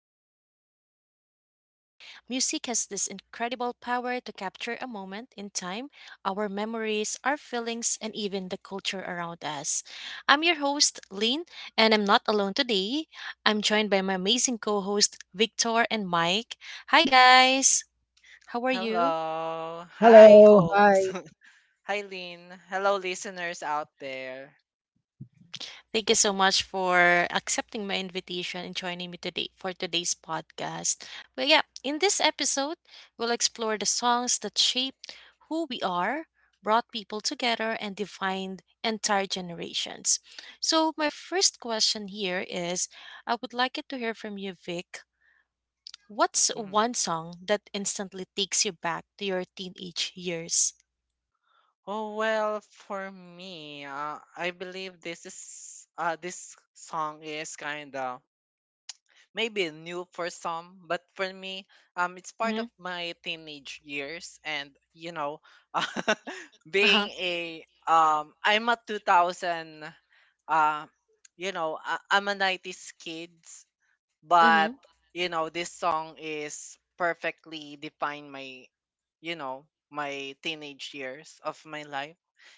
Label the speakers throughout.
Speaker 1: that define a generation. Music has this incredible power to capture a moment in time, our memories, our feelings, and even the culture around us. I'm your host, Lane, and I'm not alone today. I'm joined by my amazing co host, Victor and Mike. Hi, guys. How are you?
Speaker 2: Hello. Hi,
Speaker 3: Hello, hi.
Speaker 2: host. Hi, Lynn. Hello, listeners out there.
Speaker 1: Thank you so much for accepting my invitation and joining me today for today's podcast. But yeah, in this episode, we'll explore the songs that shaped who we are, brought people together, and defined entire generations. So, my first question here is I would like it to hear from you, Vic. What's
Speaker 2: Mhm.
Speaker 1: one song that instantly takes you back to your teenage years?
Speaker 2: Oh, well, for me, I believe this song is kind of maybe new for some, but for me, it's part
Speaker 1: Mm-hmm.
Speaker 2: of my teenage years, and
Speaker 1: Uh-huh.
Speaker 2: being a I'm a 2000 uh, you know, I'm a 90s kid, but
Speaker 1: Mm-hmm.
Speaker 2: you know this song is perfectly defined my, you know, my teenage years of my life.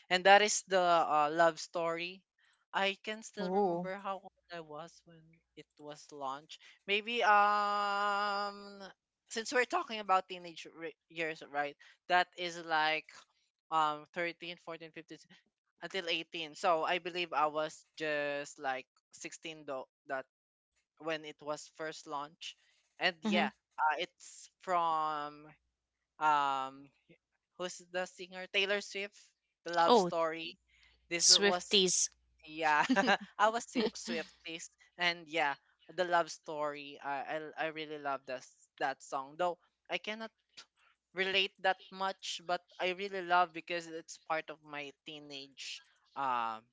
Speaker 2: And that is the Love Story. I can still
Speaker 1: Oh.
Speaker 2: remember how old I was when it was launched. Maybe, since we're talking about teenage years, right, that is like, 13, 14, 15 until 18. So I believe I was just like 16 though, that when it was first launched. And
Speaker 1: Mm-hmm.
Speaker 2: yeah, it's from, um who's the singer? Taylor Swift, The Love
Speaker 1: Oh,
Speaker 2: Story. This was,
Speaker 1: Swifties.
Speaker 2: yeah, I was Swifties. And yeah, The Love Story. I really love that song. Though I cannot relate that much, but I really love because it's part of my teenage, um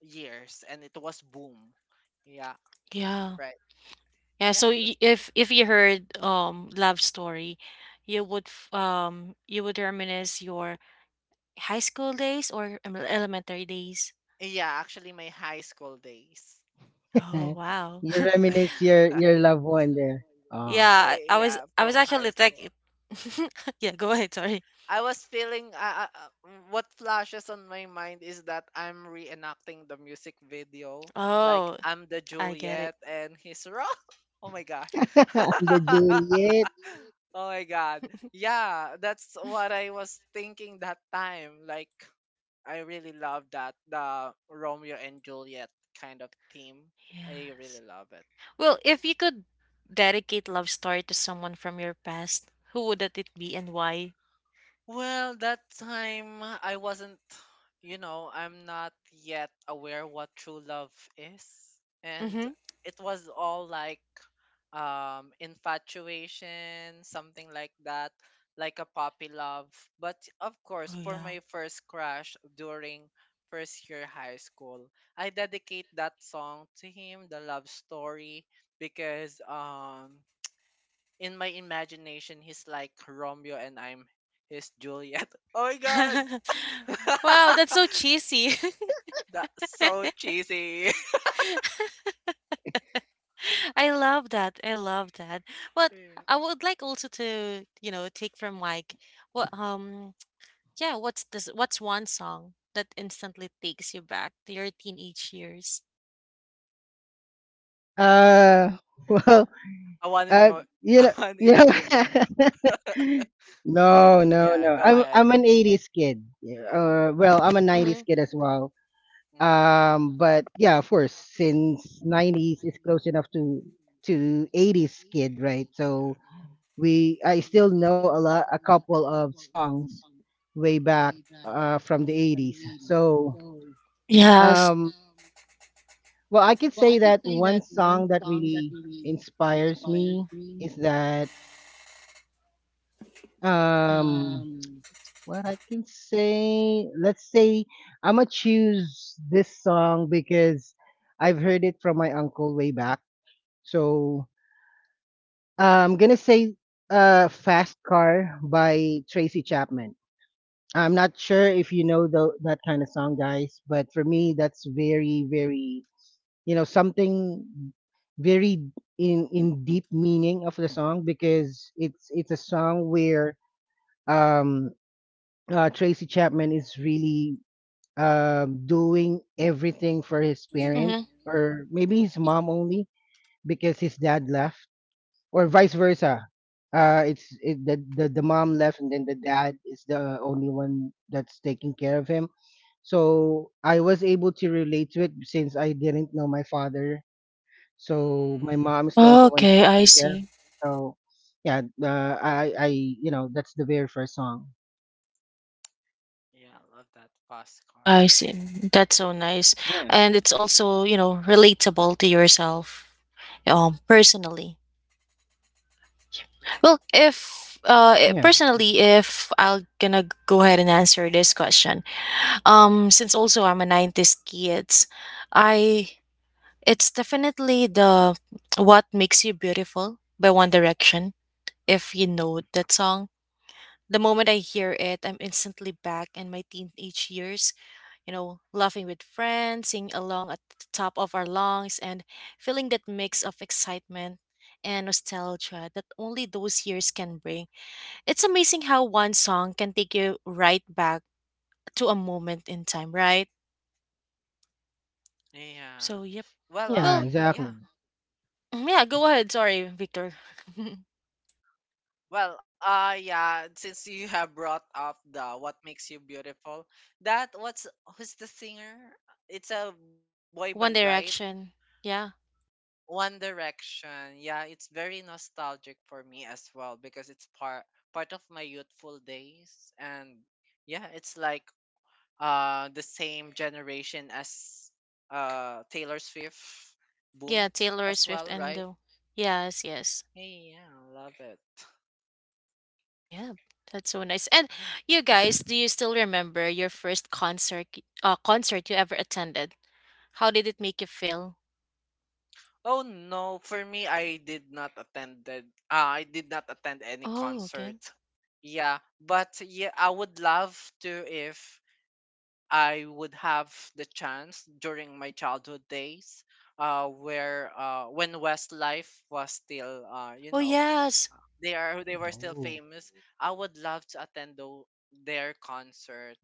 Speaker 2: years, and it was boom. Yeah,
Speaker 1: Yeah.
Speaker 2: right.
Speaker 1: Yeah, so
Speaker 2: Yeah,
Speaker 1: y-
Speaker 2: that's,
Speaker 1: if if you heard love story, you would you would reminisce your high school days or elementary days.
Speaker 2: yeah, actually my high school days.
Speaker 1: Oh wow.
Speaker 3: You reminisce your loved one there. Ah,
Speaker 1: yeah, I I was
Speaker 2: Yeah,
Speaker 1: I was
Speaker 2: from high
Speaker 1: actually tech
Speaker 2: school.
Speaker 1: Yeah, go ahead, sorry.
Speaker 2: I was feeling, what flashes on my mind is that I'm reenacting the music video. Like
Speaker 1: Oh,
Speaker 2: I'm the
Speaker 1: I get it.
Speaker 2: Juliet and he's Romeo. Oh my gosh.
Speaker 3: the
Speaker 2: Oh
Speaker 3: Juliet.
Speaker 2: my god. Yeah, that's what I was thinking that time. Like I really love that the Romeo and Juliet kind of theme. I
Speaker 1: Yes.
Speaker 2: really love it.
Speaker 1: Well, if you could dedicate love story to someone from your past, who would that it be and why?
Speaker 2: Well, that time I wasn't, you know, I'm not yet aware what true love is. And
Speaker 1: Mm-hmm.
Speaker 2: it was all like, infatuation, something like that, like a puppy love. But of course,
Speaker 1: Oh
Speaker 2: for
Speaker 1: yeah.
Speaker 2: my first crush during first year high school, I dedicate that song to him, the love story, because, in my imagination, he's like Romeo and I'm his Juliet. Oh my god!
Speaker 1: Wow, that's so cheesy.
Speaker 2: That's so cheesy.
Speaker 1: I love that. I love that. But
Speaker 2: Yeah.
Speaker 1: I would like also to, you know, take from like what yeah, what's one song that instantly takes you back to your teenage years?
Speaker 3: Uh, well,
Speaker 2: A one in a,
Speaker 3: uh, you
Speaker 2: a
Speaker 3: know,
Speaker 2: one
Speaker 3: you
Speaker 2: in
Speaker 3: know.
Speaker 2: a million you.
Speaker 3: no, no,
Speaker 2: Yeah,
Speaker 3: no.
Speaker 2: go
Speaker 3: I'm
Speaker 2: ahead.
Speaker 3: I'm an '80s kid. Yeah,
Speaker 2: Yeah.
Speaker 3: Well, I'm a '90s
Speaker 1: Hmm.
Speaker 3: kid as well.
Speaker 2: Mm-hmm.
Speaker 3: But yeah, of course, since '90s is close enough to '80s kid, right? So
Speaker 2: Yeah.
Speaker 3: we I still know a couple of songs way back from the 80s. So
Speaker 1: Yes.
Speaker 3: um, well, I could say that one song that really inspires me is that, um, what I can say. Let's say I'm gonna choose this song because I've heard it from my uncle way back. So I'm gonna say, "Fast Car" by Tracy Chapman. I'm not sure if you know that kind of song, guys, but for me, that's very, very, something very in deep meaning of the song, because it's a song where, um, Tracy Chapman is really, doing everything for his parent,
Speaker 1: Hmm.
Speaker 3: or maybe his mom only because his dad left, or vice versa. It's it, the mom left and then the dad is the only one that's taking care of him, so I was able to relate to it since I didn't know my father. So my mom is the
Speaker 2: Mm,
Speaker 3: only one
Speaker 1: Okay, I
Speaker 3: taking care.
Speaker 1: see.
Speaker 3: So yeah, I you know that's the very first song.
Speaker 2: yeah, I love that fast
Speaker 1: I see.
Speaker 2: car.
Speaker 1: That's so nice.
Speaker 3: Yeah,
Speaker 1: And it's also, you know, relatable to yourself personally. Well, if
Speaker 3: yeah,
Speaker 1: personally if I'll gonna go ahead and answer this question. Since also I'm a 90s kids, I it's definitely the What Makes You Beautiful by One Direction, if you know that song. The moment I hear it, I'm instantly back in my teenage years, you know, laughing with friends, singing along at the top of our lungs, and feeling that mix of excitement and nostalgia that only those years can bring. It's amazing how one song can take you right back to a moment in time, right?
Speaker 2: Yeah.
Speaker 1: So, yep.
Speaker 2: Well,
Speaker 3: yeah,
Speaker 1: Well,
Speaker 2: yeah.
Speaker 3: exactly.
Speaker 1: mm, yeah, go ahead. Sorry, Victor.
Speaker 2: Well, yeah. Since you have brought up the "What Makes You Beautiful," that what's, who's the singer? It's a boy band,
Speaker 1: One
Speaker 2: right?
Speaker 1: Direction. Yeah.
Speaker 2: One Direction. Yeah, it's very nostalgic for me as well because it's part of my youthful days. And yeah, it's like the same generation as Taylor Swift
Speaker 1: Yeah,
Speaker 2: boomed
Speaker 1: Taylor
Speaker 2: as
Speaker 1: Swift
Speaker 2: well,
Speaker 1: and
Speaker 2: right?
Speaker 1: the yes, yes.
Speaker 2: Hey, yeah, love it.
Speaker 1: Yeah. That's so nice. And
Speaker 2: Yeah.
Speaker 1: you guys, do you still remember your first concert concert you ever attended? How did it make you feel?
Speaker 2: Oh no, for me I did not attended, I did not attend any
Speaker 1: Oh,
Speaker 2: concert.
Speaker 1: okay.
Speaker 2: Yeah, but yeah, I would love to, if I would have the chance during my childhood days, where when Westlife was still, you
Speaker 1: Oh,
Speaker 2: know,
Speaker 1: yes.
Speaker 2: they were still
Speaker 3: Oh,
Speaker 2: famous. I would love to attend their concert.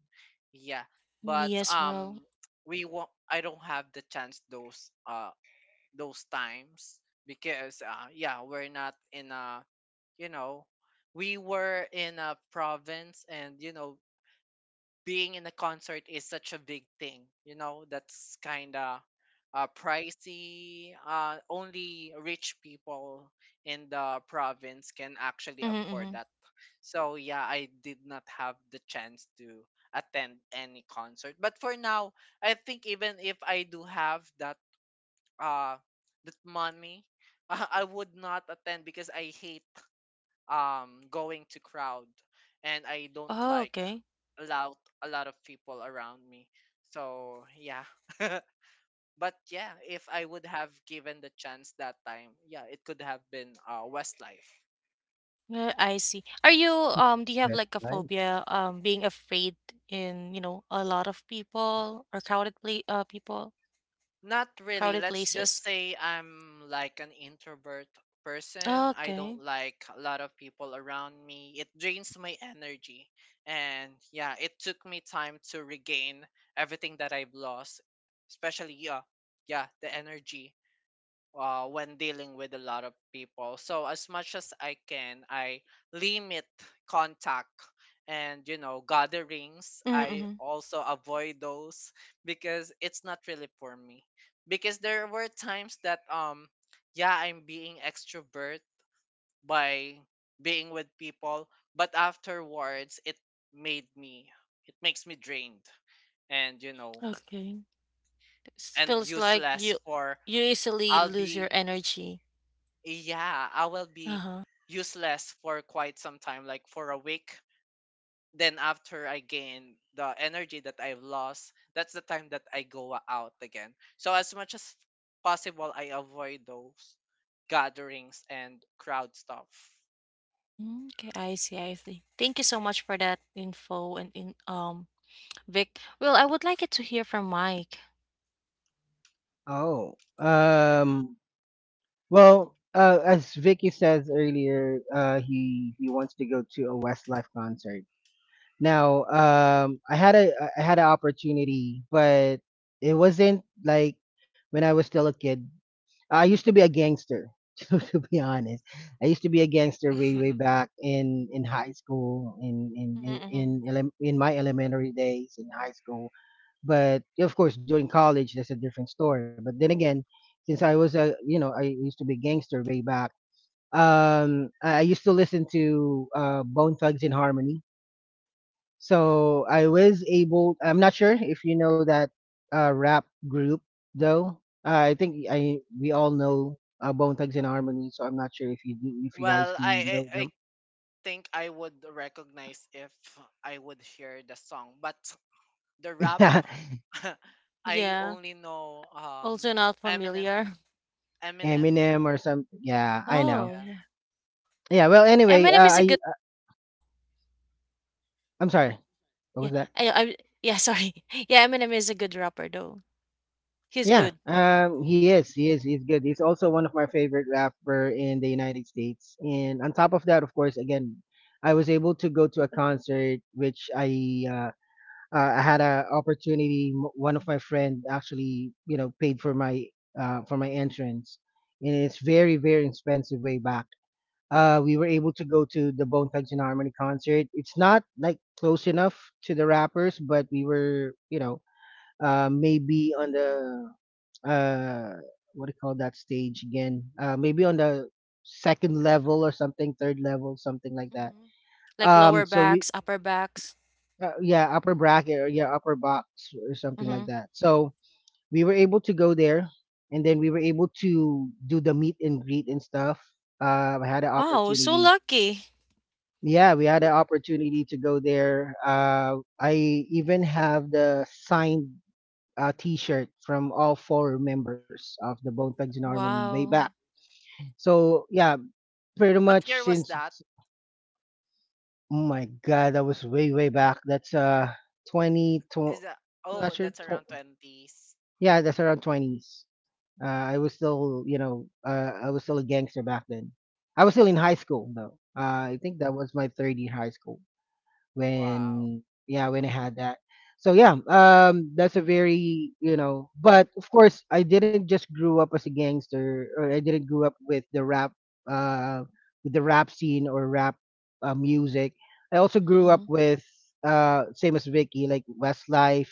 Speaker 2: Yeah,
Speaker 1: Me
Speaker 2: but
Speaker 1: as well.
Speaker 2: we won't. I don't have the chance those times because, yeah, we're not in a, you know, we were in a province, and you know being in a concert is such a big thing. You know, that's kind of pricey. Only rich people in the province can actually
Speaker 1: Mm-hmm,
Speaker 2: afford
Speaker 1: mm-hmm.
Speaker 2: that. So, yeah, I did not have the chance to attend any concert. But for now, I think even if I do have that uh that money, I would not attend because I hate going to crowd, and I don't
Speaker 1: Oh,
Speaker 2: like
Speaker 1: okay.
Speaker 2: loud, a lot of people around me, so yeah. But yeah, if I would have given the chance that time, yeah, it could have been, Westlife.
Speaker 1: I see. Are you do you have
Speaker 3: Best
Speaker 1: like a
Speaker 3: life.
Speaker 1: phobia being afraid in, you know, a lot of people or crowded pla people?
Speaker 2: Not really,
Speaker 1: Crowded
Speaker 2: let's just
Speaker 1: places.
Speaker 2: say I'm like an introvert person. I don't
Speaker 1: Okay.
Speaker 2: like a lot of people around me, it drains my energy. And yeah, it took me time to regain everything that I've lost, especially, yeah, yeah, the energy, when dealing with a lot of people. So as much as I can, I limit contact and, you know, gatherings. I
Speaker 1: Mm-hmm.
Speaker 2: also avoid those because it's not really for me. Because there were times that, yeah, I'm being extrovert by being with people, but afterwards it made me, it makes me drained, and you know,
Speaker 1: Okay. It
Speaker 2: and
Speaker 1: feels like
Speaker 2: useless
Speaker 1: you
Speaker 2: for,
Speaker 1: you
Speaker 2: I'll
Speaker 1: easily lose
Speaker 2: be,
Speaker 1: your energy.
Speaker 2: yeah, I will be
Speaker 1: Uh-huh.
Speaker 2: useless for quite some time, like for a week. Then after I gain the energy that I've lost, that's the time that I go out again. So as much as possible, I avoid those gatherings and crowd stuff.
Speaker 1: Mm, okay, I see, I see. Thank you so much for that info and in Vic. Well, I would like it to hear from Mike.
Speaker 3: Oh, well, as Vicky says earlier, he wants to go to a Westlife concert. Now, I had an opportunity, but it wasn't like when I was still a kid. I used to be a gangster, to be honest. I used to be a gangster way way back in high school, in in in in,
Speaker 1: Mm-hmm.
Speaker 3: elem- in my elementary days in high school. But of course, during college, that's a different story. But then again, since I was a you know I used to be a gangster way back, I used to listen to, Bone Thugs in Harmony, so I was able. I'm not sure if you know that, rap group, though. I think I we all know, Bone Thugs and Harmony. So I'm not sure if you guys
Speaker 2: Well,
Speaker 3: do
Speaker 2: I,
Speaker 3: know
Speaker 2: I I
Speaker 3: them.
Speaker 2: think I would recognize if I would hear the song, but the rap,
Speaker 3: Yeah,
Speaker 2: I
Speaker 1: Yeah.
Speaker 2: only know
Speaker 1: Also not
Speaker 2: Eminem.
Speaker 1: familiar.
Speaker 2: Eminem.
Speaker 3: Eminem or some. Yeah, I know.
Speaker 1: Oh,
Speaker 2: Yeah.
Speaker 1: yeah.
Speaker 3: Yeah. Well,
Speaker 1: Yeah.
Speaker 3: anyway,
Speaker 1: Eminem is a
Speaker 3: I
Speaker 1: good
Speaker 3: I'm sorry. What
Speaker 1: yeah.
Speaker 3: was that?
Speaker 1: I yeah, sorry. Yeah, Eminem is a good rapper though. He's
Speaker 3: Yeah.
Speaker 1: good.
Speaker 3: He is. He is. He's good. He's also one of my favorite rapper in the United States. And on top of that, of course, again, I was able to go to a concert which I had an opportunity. One of my friend actually, paid for my entrance, and it's very very expensive way back. We were able to go to the Bone Thugs and Harmony concert. It's not like close enough to the rappers, but we were, maybe on the, uh, what do you call that stage again? Maybe on the second level or something, third level, something like that.
Speaker 1: Mm-hmm. Like lower
Speaker 3: So we
Speaker 1: backs, upper backs.
Speaker 3: yeah, upper bracket, or yeah, upper box or something like
Speaker 1: Mm-hmm.
Speaker 3: that. So we were able to go there, and then we were able to do the meet and greet and stuff. I had an
Speaker 1: Wow, so
Speaker 3: opportunity.
Speaker 1: lucky.
Speaker 3: Yeah, we had an opportunity to go there. I even have the signed, T-shirt from all four members of the Bone Thugs and Harmony way
Speaker 1: Wow.
Speaker 3: back. So yeah, pretty much
Speaker 2: What year
Speaker 3: since.
Speaker 2: was that?
Speaker 3: Oh my God, that was way way back. That's twenty.
Speaker 2: Is that,
Speaker 3: I'm not
Speaker 2: oh,
Speaker 3: sure.
Speaker 2: that's around twenties.
Speaker 3: Yeah, that's around twenties. I was still a gangster back then. I was still in high school, though. I think that was my third year high school
Speaker 2: Wow.
Speaker 3: when I had that. So yeah, that's a very, you know, but of course I didn't just grew up as a gangster, or I didn't grew up with the rap, uh, scene, or rap music. I also
Speaker 1: Mhm,
Speaker 3: grew up
Speaker 1: mhm.
Speaker 3: with, same as Vicky, like Westlife,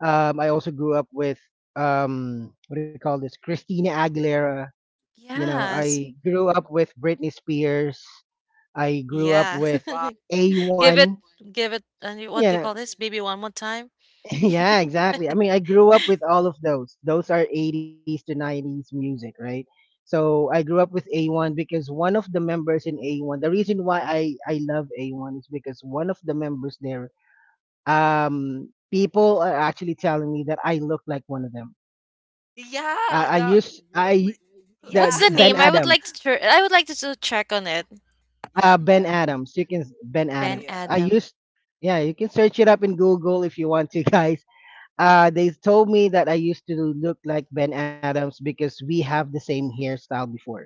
Speaker 3: I also grew up with, what do you call this? Christina Aguilera. You know,
Speaker 1: Yes.
Speaker 3: I grew up with Britney Spears. I grew up
Speaker 1: Yeah.
Speaker 3: with
Speaker 2: Wow.
Speaker 1: Give it,
Speaker 3: A1.
Speaker 1: give it, and what
Speaker 3: You
Speaker 1: do you
Speaker 3: know,
Speaker 1: call this? Baby one more time.
Speaker 3: yeah, exactly. I mean, I grew up with all of those. Those are 80s to 90s music, right? So I grew up with A1 because one of the members in A1. The reason why I love A1 is because one of the members there. People are actually telling me that I look like one of them. I
Speaker 2: Yeah, the
Speaker 3: use I
Speaker 1: What's
Speaker 3: the
Speaker 1: the
Speaker 2: yeah.
Speaker 3: Ben
Speaker 1: name? I would
Speaker 3: Adams.
Speaker 1: like to. I would like to check on it.
Speaker 3: Uh,
Speaker 2: Yeah,
Speaker 3: ben
Speaker 2: Ben.
Speaker 3: Adams. You can Ben
Speaker 1: Ben
Speaker 3: Adams. I
Speaker 1: Adam.
Speaker 2: Yeah.
Speaker 3: used, yeah. You can search it up in Google if you want to, guys. They told me that I used to look like Ben Adams because we have the same hairstyle before,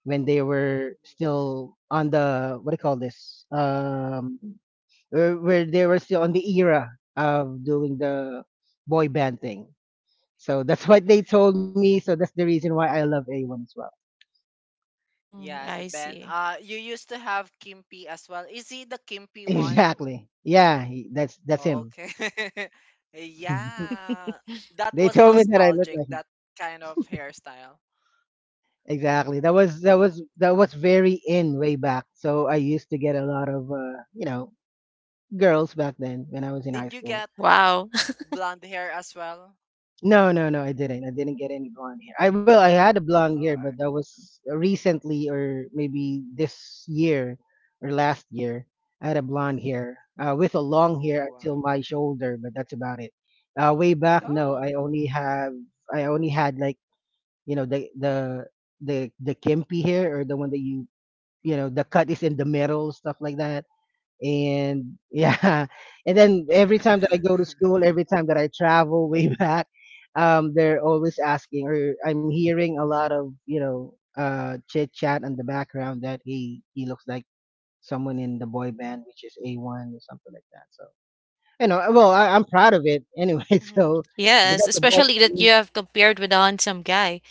Speaker 3: when they were still on the, what do you call this, where they were still on the era of doing the boy band thing. So that's what they told me. So that's the reason why I love A1 as well.
Speaker 1: Hmm,
Speaker 2: Yeah, the
Speaker 1: I
Speaker 2: Ben.
Speaker 1: see.
Speaker 2: Uh, you used to have Kimpy as well. Is he the Kimpy one?
Speaker 3: Exactly. Yeah, he, that's him.
Speaker 2: Okay. Yeah. That
Speaker 3: they
Speaker 2: was
Speaker 3: told me that I look
Speaker 2: nostalgic,
Speaker 3: like him.
Speaker 2: that kind of hairstyle.
Speaker 3: Exactly. That was very in way back. So I used to get a lot of, girls back then
Speaker 2: Did
Speaker 3: when
Speaker 2: you
Speaker 3: I was in
Speaker 2: get
Speaker 3: high school.
Speaker 1: Wow.
Speaker 2: blonde hair as well?
Speaker 3: No, no, no, I didn't. I didn't get any blonde hair. I will. I had a
Speaker 2: Oh,
Speaker 3: blonde
Speaker 2: I-
Speaker 3: hair, but that was recently, or maybe this year or last year. I had a blonde hair, with a long hair
Speaker 2: oh.
Speaker 3: until my shoulder, but that's about it. Way back, no,
Speaker 2: Oh.
Speaker 3: I only have. I only had, like, you know, the the the kimpy hair, or the one that you know the cut is in the middle, stuff like that. And yeah, and then every time that I go to school, every time that I travel way back, they're always asking, or I'm hearing a lot of, chit chat in the background, that he looks like someone in the boy band, which is A1, or something like that. So, well, I'm proud of it anyway.
Speaker 1: Mhm.
Speaker 3: So, because
Speaker 1: Yes,
Speaker 3: that's a boy
Speaker 1: especially that you
Speaker 3: band.
Speaker 1: have compared with on handsome guy.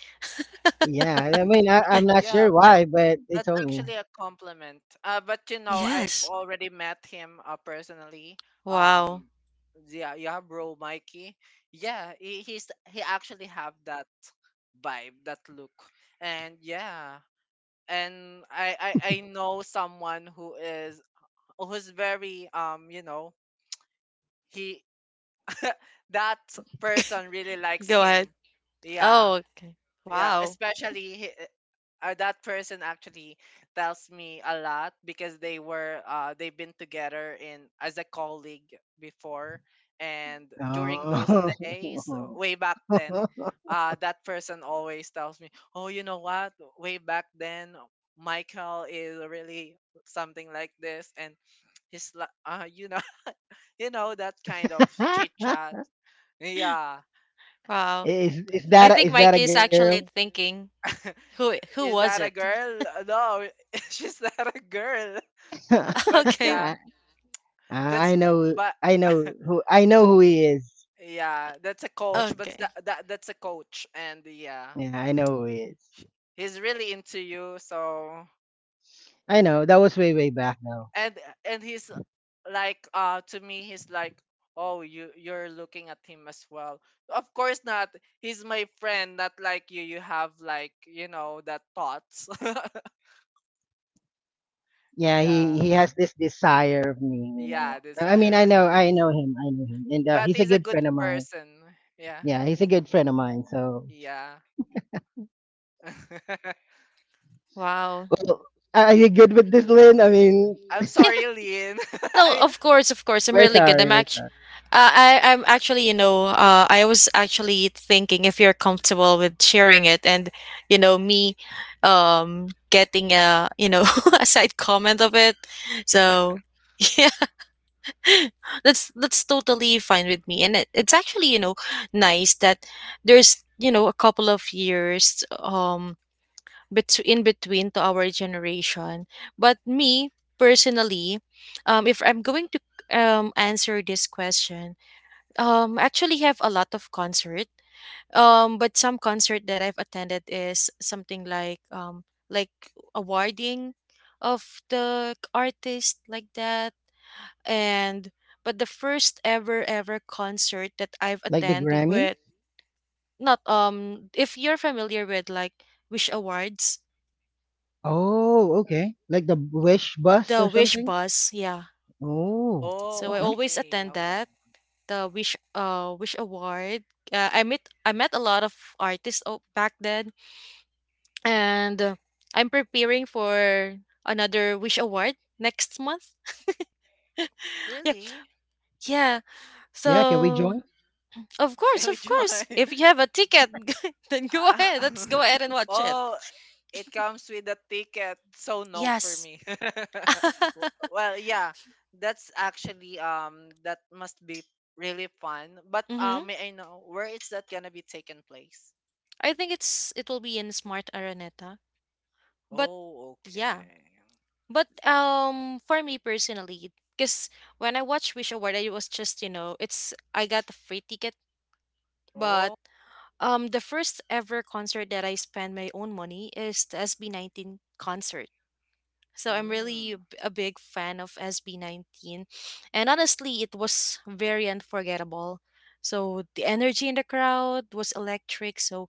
Speaker 3: Yeah, I mean, I'm not sure
Speaker 2: Yeah, of,
Speaker 3: why, but they
Speaker 2: that's
Speaker 3: told me.
Speaker 2: actually a compliment. But you know, I've
Speaker 1: Yes.
Speaker 2: already met him, personally.
Speaker 1: Wow.
Speaker 2: Um, yeah, yeah, bro, Mikey. Yeah, he's he actually have that vibe, that look, and yeah, and I know someone who is, who's very, you know, he, that person really likes
Speaker 1: Go ahead.
Speaker 2: him. Yeah.
Speaker 1: Oh, okay.
Speaker 2: Yeah,
Speaker 1: Wow.
Speaker 2: especially that person actually tells me a lot because they were, they've been together in as a colleague before. And during those
Speaker 3: Oh,
Speaker 2: days, way back then, that person always tells me, "Oh, you know what? Way back then Michael is really something like this, and his you know you know that kind of chit chat." Yeah.
Speaker 1: Wow.
Speaker 3: Is that
Speaker 1: I think
Speaker 3: is that
Speaker 1: Mike
Speaker 3: a
Speaker 1: is
Speaker 3: girl?
Speaker 1: actually thinking. Who
Speaker 2: Is
Speaker 1: was
Speaker 2: that a
Speaker 1: it?
Speaker 2: girl? No, she's not a girl. But
Speaker 1: Okay.
Speaker 2: yeah,
Speaker 3: I
Speaker 2: that's,
Speaker 3: I know,
Speaker 2: but
Speaker 3: who he is.
Speaker 2: yeah, that's a coach. But
Speaker 1: Okay.
Speaker 2: that that's a coach, and yeah,
Speaker 3: Yeah, I know who he is.
Speaker 2: he's really into you. So
Speaker 3: I
Speaker 2: yeah,
Speaker 3: know that was way way back, though.
Speaker 2: and and he's like, to me, he's like, oh, you, you're looking at him as well. Of course not. He's my friend, not like you. You have like, you know, that thoughts.
Speaker 3: Yeah, he
Speaker 2: Yeah,
Speaker 3: he has this desire of me, you
Speaker 2: yeah,
Speaker 3: know. I mean,
Speaker 2: desire.
Speaker 3: I know him, and
Speaker 2: But
Speaker 3: he's a
Speaker 2: he's a
Speaker 3: good
Speaker 2: good
Speaker 3: friend of mine.
Speaker 2: person. Yeah.
Speaker 3: Yeah, he's a
Speaker 2: He's
Speaker 3: good
Speaker 2: good.
Speaker 3: friend of mine. So,
Speaker 2: Yeah.
Speaker 1: Wow.
Speaker 3: well, are you good with this, Lynn? I mean,
Speaker 2: I'm
Speaker 1: Yeah,
Speaker 2: sorry, Lynn.
Speaker 1: no,
Speaker 2: I,
Speaker 1: of course, of course. I'm really
Speaker 2: yeah.
Speaker 1: good. I'm
Speaker 3: where's
Speaker 1: actually,
Speaker 3: our,
Speaker 1: I'm actually, you know, I was actually thinking if you're comfortable with sharing it, and you know, me, getting a, you know, a side comment of it. So yeah, that's totally fine with me, and it's actually, you know, nice that there's, you know, a couple of years, in between to our generation. But me personally, if I'm going to answer this question, I actually have a lot of concert. But some concert that I've attended is something like awarding of the artist like that, and but the first ever ever concert that I've
Speaker 3: like, the
Speaker 1: attended
Speaker 3: Grammy?
Speaker 1: with not if you're familiar with like Wish Awards
Speaker 3: Oh, okay. Like the Wish bus
Speaker 1: the
Speaker 3: or
Speaker 1: Wish
Speaker 3: something?
Speaker 1: bus, yeah.
Speaker 3: Oh,
Speaker 1: So
Speaker 2: Oh,
Speaker 1: I
Speaker 3: okay.
Speaker 1: always
Speaker 2: okay.
Speaker 1: attend
Speaker 2: Oh, wow.
Speaker 1: that the Wish Wish Award. I met a lot of artists back then, and I'm preparing for another Wish Award next month. Yeah,
Speaker 2: Really?
Speaker 1: yeah.
Speaker 3: Yeah, can we
Speaker 1: So
Speaker 3: join?
Speaker 2: Can we
Speaker 1: of
Speaker 2: join?
Speaker 1: course, if you have a ticket, then go
Speaker 2: Ah,
Speaker 1: ahead. Let's go ahead and watch it.
Speaker 2: oh, it comes with a ticket, so no for
Speaker 1: Yes.
Speaker 2: me. W- well, yeah, that's actually, that must be really fun. But
Speaker 1: Mm-hmm.
Speaker 2: may I know where is that gonna be taken place?
Speaker 1: I think it's it will be in Smart Araneta, but
Speaker 2: Oh,
Speaker 1: yeah.
Speaker 2: okay.
Speaker 1: But for me personally, because when I watched Wish Award, it was just you know, it's I got a free ticket, but
Speaker 2: Oh,
Speaker 1: the first ever concert that I spent my own money is the SB19 concert. So I'm really a
Speaker 2: mm.
Speaker 1: a big fan of SB19, and honestly, it was very unforgettable. So the energy in the crowd was electric. So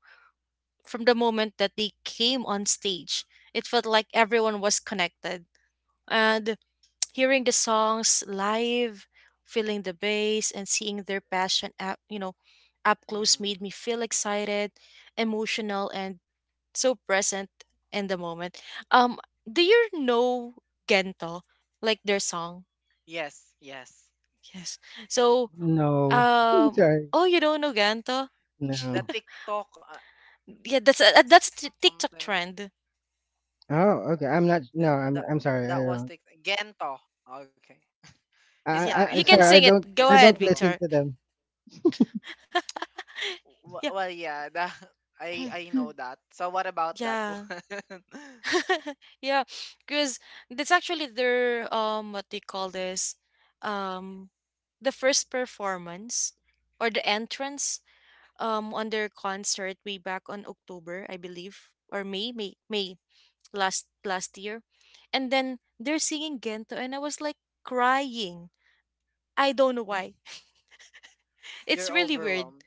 Speaker 1: from the moment that they came on stage, it felt like everyone was connected. And hearing the songs live, feeling the bass, and seeing their passion up, you know, up close
Speaker 2: Mhm.
Speaker 1: made me feel excited, emotional, and so present in the moment. Um, do you know Gento? Like their song?
Speaker 2: Yes, yes.
Speaker 1: Yes. So,
Speaker 3: No.
Speaker 1: um,
Speaker 3: Sorry.
Speaker 1: oh, you don't know Gento?
Speaker 2: The
Speaker 3: No.
Speaker 2: TikTok,
Speaker 1: Yeah, that's a,
Speaker 2: something
Speaker 1: TikTok trend.
Speaker 3: Oh, okay. I'm
Speaker 2: that,
Speaker 3: not,
Speaker 2: that
Speaker 3: no, I'm
Speaker 2: that was
Speaker 3: sorry. I
Speaker 2: TikTok.
Speaker 3: don't.
Speaker 2: Gento. Okay. He's not
Speaker 3: I
Speaker 2: into
Speaker 1: Yeah,
Speaker 3: I
Speaker 2: that.
Speaker 1: you
Speaker 3: I'm
Speaker 1: can
Speaker 3: sorry. I
Speaker 1: sing
Speaker 2: He's
Speaker 3: don't
Speaker 1: it. Go
Speaker 3: I
Speaker 2: into,
Speaker 1: ahead,
Speaker 3: don't listen
Speaker 1: Victor.
Speaker 3: to them.
Speaker 2: well, yeah, that,
Speaker 1: Yeah,
Speaker 2: I know that. So what about that
Speaker 1: yeah.
Speaker 2: one?
Speaker 1: yeah, because that's actually their what they call this um the first performance or the entrance on their concert way back on October, I believe, or May last last year. And then they're singing Gento and I was like crying. I don't know why. It's
Speaker 2: You're
Speaker 1: really weird.
Speaker 2: overwhelmed.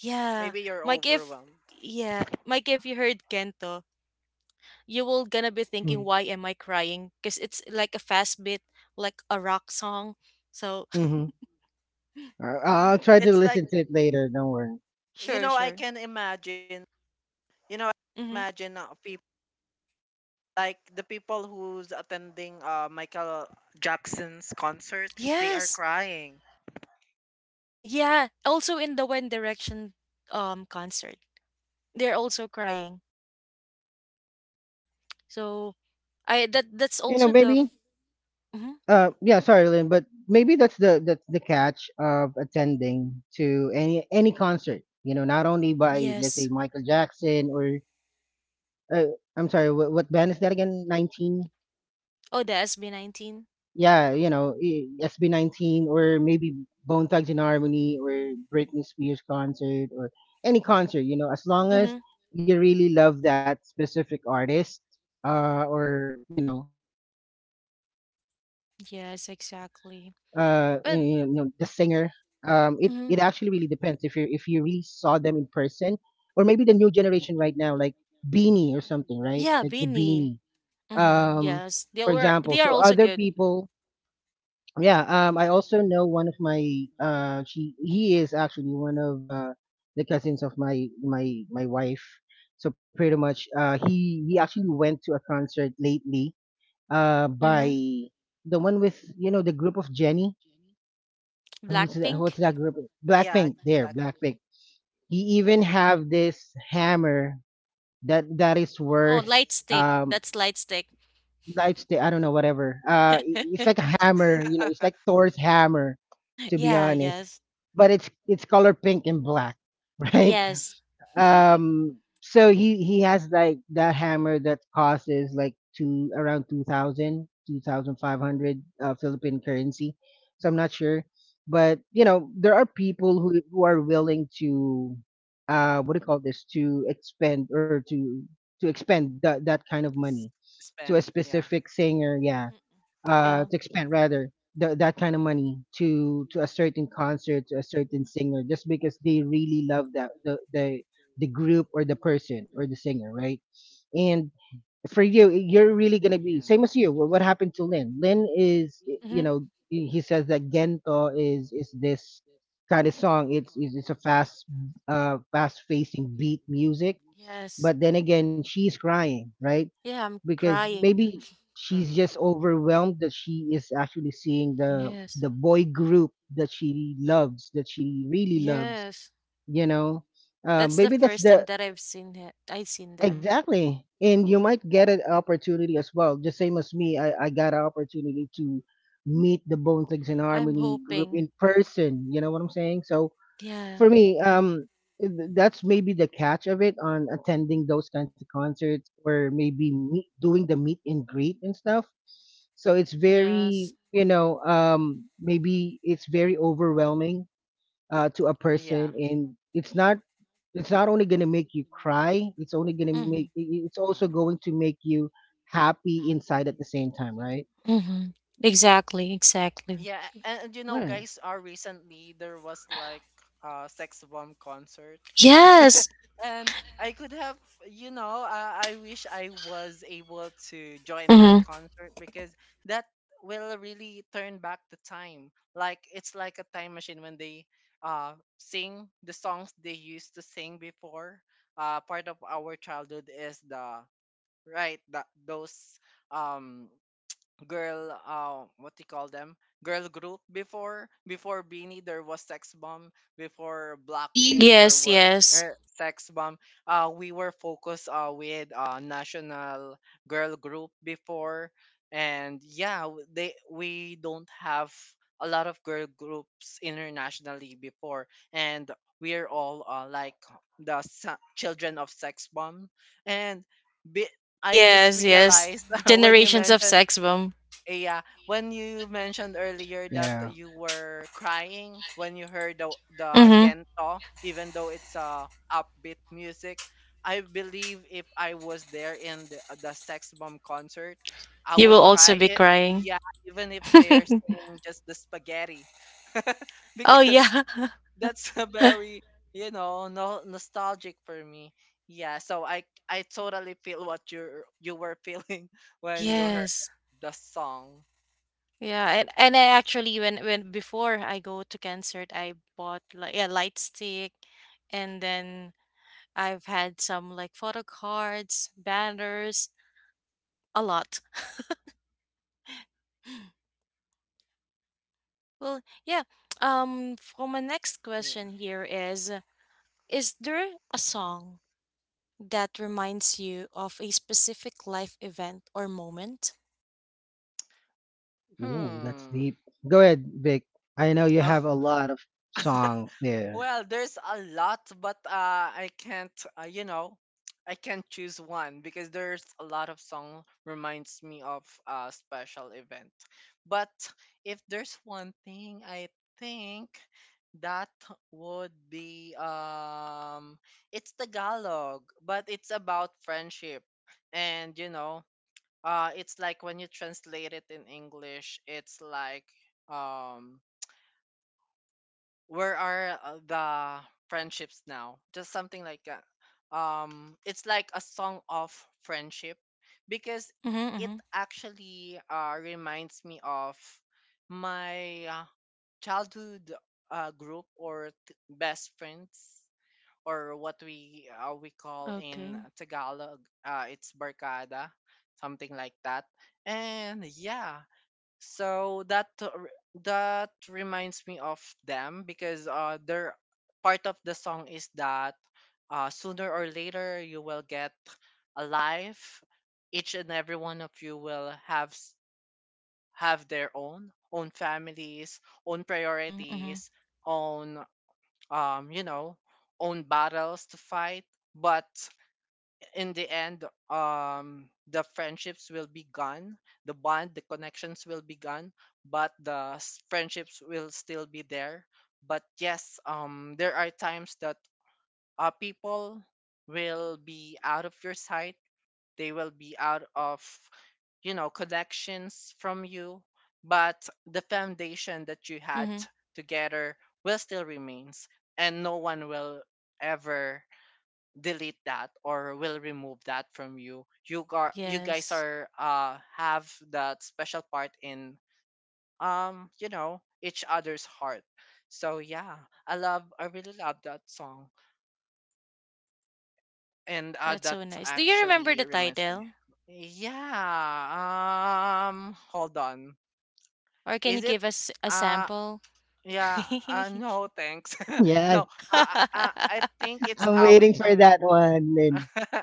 Speaker 1: Yeah.
Speaker 2: Maybe you're
Speaker 1: Mike if
Speaker 2: overwhelmed.
Speaker 1: yeah, Mike if you heard Gento, you will gonna be thinking
Speaker 3: Mm.
Speaker 1: why am I crying because it's like a fast beat like a rock song so
Speaker 3: Mhm. I- I'll try to
Speaker 2: It's like,
Speaker 3: listen to it later, don't worry.
Speaker 2: you
Speaker 1: sure
Speaker 2: know, I
Speaker 1: sure.
Speaker 2: can imagine, you know,
Speaker 1: Mm-hmm.
Speaker 2: imagine, people, like the people who's attending, Michael Jackson's concerts, they are
Speaker 1: Yes,
Speaker 2: crying.
Speaker 1: yeah, also in the one direction concert they're also crying so I that that's
Speaker 3: You know,
Speaker 1: also the
Speaker 3: maybe,
Speaker 1: mhm,
Speaker 3: yeah, sorry Lynn, but maybe that's the, catch of attending to any concert, you know, not only by, let's
Speaker 1: yes.
Speaker 3: say, Michael Jackson or, I'm sorry, what band is that again? 19?
Speaker 1: Oh the SB19.
Speaker 3: Yeah, you know, SB19, or maybe Bone Thugs and Harmony, or Britney Spears concert, or any concert, as long as
Speaker 1: Mm-hmm.
Speaker 3: you really love that specific artist, or, you know, you, know, you know, the
Speaker 1: Yes,
Speaker 3: singer.
Speaker 1: exactly,
Speaker 3: It
Speaker 1: but
Speaker 3: it actually really depends if you
Speaker 1: mhm,
Speaker 3: really saw them in person, or maybe the new generation right now, like Beanie or something, right? Like the
Speaker 1: yeah,
Speaker 3: Beanie,
Speaker 1: beanie.
Speaker 3: um
Speaker 1: Mm-hmm.
Speaker 3: for
Speaker 1: Yes, they
Speaker 3: example,
Speaker 1: were
Speaker 3: so
Speaker 1: they are
Speaker 3: other
Speaker 1: also good.
Speaker 3: people, yeah, I also know one of my, she he is actually one of, the cousins of my wife. So pretty much, he actually went to a concert lately, by
Speaker 1: Mm-hmm.
Speaker 3: the one with, the group of Jenny. Who's that, what's
Speaker 1: Blackpink.
Speaker 3: that group?
Speaker 2: Yeah,
Speaker 3: blackpink there
Speaker 2: Blackpink.
Speaker 3: blackpink He even have this hammer that is worth,
Speaker 1: Oh, light stick.
Speaker 3: um
Speaker 1: That's light stick.
Speaker 3: nightstick. I don't know, whatever. It's like a hammer. You know, it's like Thor's hammer, to be
Speaker 1: yeah,
Speaker 3: honest.
Speaker 1: yes.
Speaker 3: But it's color pink and black, right?
Speaker 1: Yes.
Speaker 3: So he has like that hammer that costs is like two around two thousand, two thousand five hundred, Philippine currency. So I'm not sure, but you know there are people who are willing to what do you call this, to expend or to expend
Speaker 2: S-
Speaker 3: that kind of
Speaker 2: spend.
Speaker 3: money
Speaker 2: Yeah,
Speaker 3: to a specific singer, yeah,
Speaker 1: Hmm. Yeah.
Speaker 3: to expend rather that kind of money to a certain concert to a certain singer just because they really love that the group or the person or the singer, right? And for you, you're
Speaker 2: yeah,
Speaker 3: really gonna be same as you.
Speaker 1: Hmm.
Speaker 3: What happened to Lin? Lin is, he says that Gento is this kind of song. It's a fast fast facing beat music.
Speaker 1: Yes.
Speaker 3: But then again, she's crying, right?
Speaker 1: Yeah, I'm
Speaker 3: Because
Speaker 1: crying.
Speaker 3: maybe
Speaker 2: mm-hmm,
Speaker 3: she's just overwhelmed that she is actually seeing the
Speaker 1: Yes.
Speaker 3: the boy group that she loves, that she really loves
Speaker 1: Yes.
Speaker 3: you know
Speaker 1: That's the
Speaker 3: Maybe that's
Speaker 1: first time
Speaker 3: the...
Speaker 1: that I've seen it. I seen them.
Speaker 3: Exactly, and you might get an opportunity as well. Just same as me, I got an opportunity to meet the Bone Thugs and
Speaker 1: I'm
Speaker 3: Harmony group
Speaker 1: hoping.
Speaker 3: in person, you know what I'm saying? So
Speaker 1: Yeah.
Speaker 3: for me, that's maybe the catch of it, on attending those kinds of concerts or maybe meet, doing the meet and greet and stuff. So it's very,
Speaker 1: Yes.
Speaker 3: maybe it's very overwhelming to a
Speaker 2: yeah,
Speaker 3: person, and it's not. It's not only going to make you cry. It's only going to make.
Speaker 1: Mhm.
Speaker 3: It's also
Speaker 2: mm-hmm,
Speaker 3: going to make you happy inside at the same time, right?
Speaker 1: Mhm. Exactly, exactly.
Speaker 2: yeah. And you know,
Speaker 3: Right.
Speaker 2: guys, recently there was like a sex bomb concert.
Speaker 1: Yes.
Speaker 2: And I could have, you know, I wish I was able to join that
Speaker 1: Mhm.
Speaker 2: concert because that will really turn back the time. Like it's like a time machine when they sing the songs they used to sing before. Part of our childhood is the right that those, um girl, what do you call them, girl group before, before Beanie there was Sex Bomb, before Blackpink there
Speaker 1: Yes,
Speaker 2: were,
Speaker 1: yes.
Speaker 2: Sex Bomb. Uh, we were focused with national girl group before. And yeah, they, we don't have a lot of girl groups internationally before, and we're all, like the children of Sex Bomb. And be- I just
Speaker 1: Yes, yes.
Speaker 2: realized when you
Speaker 1: Generations of
Speaker 2: mentioned,
Speaker 1: sex bomb.
Speaker 2: yeah, when you mentioned earlier that
Speaker 3: Yeah.
Speaker 2: you were crying when you heard the
Speaker 1: Mhm.
Speaker 2: Gento, even though it's a upbeat music, I believe if I was there in the Sex Bomb concert, I
Speaker 1: You will
Speaker 2: would
Speaker 1: also
Speaker 2: cry.
Speaker 1: be
Speaker 2: It,
Speaker 1: crying.
Speaker 2: yeah, even if they're singing just the spaghetti,
Speaker 1: oh
Speaker 2: because
Speaker 1: yeah.
Speaker 2: that's a very, you know, no, nostalgic for me. Yeah, so I totally feel what you are, you were feeling when you heard
Speaker 1: Yes.
Speaker 2: the song.
Speaker 1: Yeah, and I actually when before I go to concert, I bought like a light stick, and then I've had some like photo cards, banners, a lot. Well, yeah. For my next
Speaker 2: Yeah.
Speaker 1: question here is there a song that reminds you of a specific life event or moment?
Speaker 3: Ooh, that's
Speaker 2: Hmm.
Speaker 3: deep. Go ahead, Vic. I know you
Speaker 2: Oh,
Speaker 3: have a lot of songs there.
Speaker 2: well, there's a lot, but I can't, you know, I can't choose one because there's a lot of song reminds me of a special event. But if there's one thing I think that would be, it's Tagalog, but it's about friendship. And it's like when you translate it in English, it's like um where are the friendships now, just something like that. It's like a song of friendship because
Speaker 1: Mm-hmm,
Speaker 2: it
Speaker 1: mm-hmm.
Speaker 2: actually reminds me of my childhood group or best friends, or what we we call in
Speaker 1: Okay.
Speaker 2: Tagalog, it's barkada, something like that. And yeah, so that reminds me of them because their part of the song is that sooner or later you will get a life. Each and every one of you will have have their own own families, own
Speaker 1: Mm-hmm, mm-hmm,
Speaker 2: priorities, own um you know own battles to fight. But in the end, the friendships will be gone, the bond, the connections will be gone, but the friendships will still be there. But yes, there are times that people will be out of your sight, they will be out of, connections from you, but the foundation that you had
Speaker 1: mm-hmm.
Speaker 2: together will still remains, and no one will ever delete that or will remove that from you. You got, you guys
Speaker 1: Yes,
Speaker 2: are have that special part in, each other's heart. So yeah, I really love that song, and
Speaker 1: that's
Speaker 2: that
Speaker 1: so nice. Do you remember
Speaker 2: actually
Speaker 1: the
Speaker 2: reminds me.
Speaker 1: title?
Speaker 2: Yeah, hold on.
Speaker 1: Or can you
Speaker 2: Is it
Speaker 1: give us a
Speaker 2: uh
Speaker 1: sample?
Speaker 2: yeah, no thanks.
Speaker 3: Yes,
Speaker 2: No. I think it's
Speaker 3: I'm
Speaker 2: awit
Speaker 3: waiting for
Speaker 2: ng.
Speaker 3: that one, Lynn.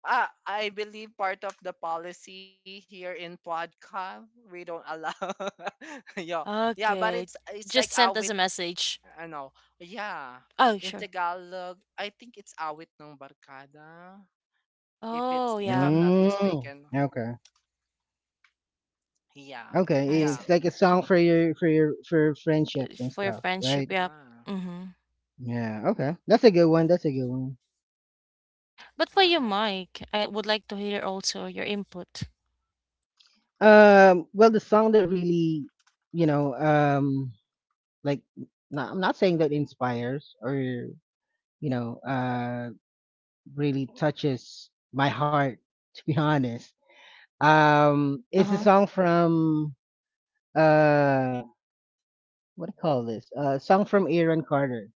Speaker 2: Ah, I believe part of the policy here in podcast we don't allow. Yeah, yeah, but it's
Speaker 1: Okay,
Speaker 2: it's like
Speaker 1: just sent
Speaker 2: awit.
Speaker 1: us a message.
Speaker 2: I know. Yeah,
Speaker 1: Oh,
Speaker 2: in
Speaker 1: sure.
Speaker 2: Tagalog, I think it's awit ng barkada. If it's
Speaker 1: Oh,
Speaker 2: if
Speaker 1: yeah.
Speaker 2: I'm not
Speaker 3: Mm,
Speaker 2: mistaken.
Speaker 3: okay.
Speaker 2: Yeah,
Speaker 1: I
Speaker 3: Okay,
Speaker 1: see.
Speaker 3: it's
Speaker 2: yeah.
Speaker 3: like a
Speaker 1: Yep.
Speaker 3: song for your for your for friendship and
Speaker 1: For your
Speaker 3: stuff,
Speaker 1: friendship,
Speaker 3: right?
Speaker 1: yeah.
Speaker 2: Ah,
Speaker 1: Mm-hmm.
Speaker 3: Yeah, okay. That's a good one. That's a good one.
Speaker 1: But for
Speaker 2: uh
Speaker 1: you,
Speaker 2: huh.
Speaker 1: Mike, I would like to hear also your input.
Speaker 3: Well, the song that really, you know, um like, not, I'm not saying that inspires or know, uh really touches my heart, to be honest. It's a
Speaker 1: Uh-huh.
Speaker 3: song from uh, what do you call this? Song from Aaron Carter.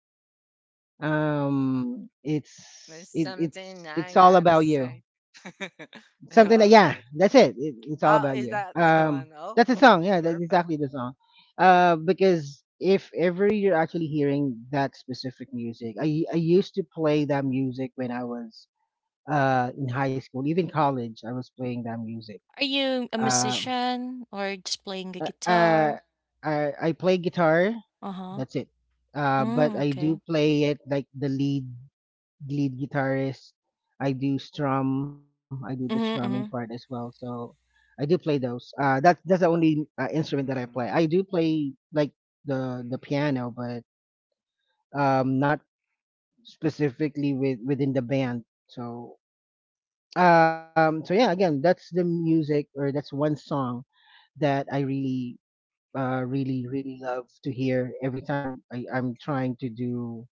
Speaker 2: There's something
Speaker 3: It's
Speaker 2: I
Speaker 3: It's All
Speaker 2: gotta
Speaker 3: About
Speaker 2: say.
Speaker 3: You. Something
Speaker 2: All
Speaker 3: that,
Speaker 2: about.
Speaker 3: yeah, that's it. It it's All
Speaker 2: Ah,
Speaker 3: About
Speaker 2: is
Speaker 3: You.
Speaker 2: that one? Oh,
Speaker 3: That's a song. Yeah, that's
Speaker 2: perfect.
Speaker 3: exactly the song. Because if ever you're actually hearing that specific music, I used to play that music when I was in high school, even college. I was playing that music.
Speaker 1: Are you a
Speaker 3: Uh.
Speaker 1: musician or just playing the
Speaker 3: uh, uh,
Speaker 1: guitar?
Speaker 3: I play guitar.
Speaker 1: Uh-huh.
Speaker 3: That's it. But
Speaker 1: Mm,
Speaker 3: I do
Speaker 1: okay.
Speaker 3: play it like the lead guitarist. I do strum. I do the strumming part
Speaker 1: Mm-hmm,
Speaker 3: as
Speaker 1: mm-hmm.
Speaker 3: well. So I do play those. That's the
Speaker 2: Mm-hmm,
Speaker 3: only instrument that I play. I do play like the piano, but not specifically with within the band. So so yeah, again, that's the music or that's one song that I really really really love to hear every time I'm trying to do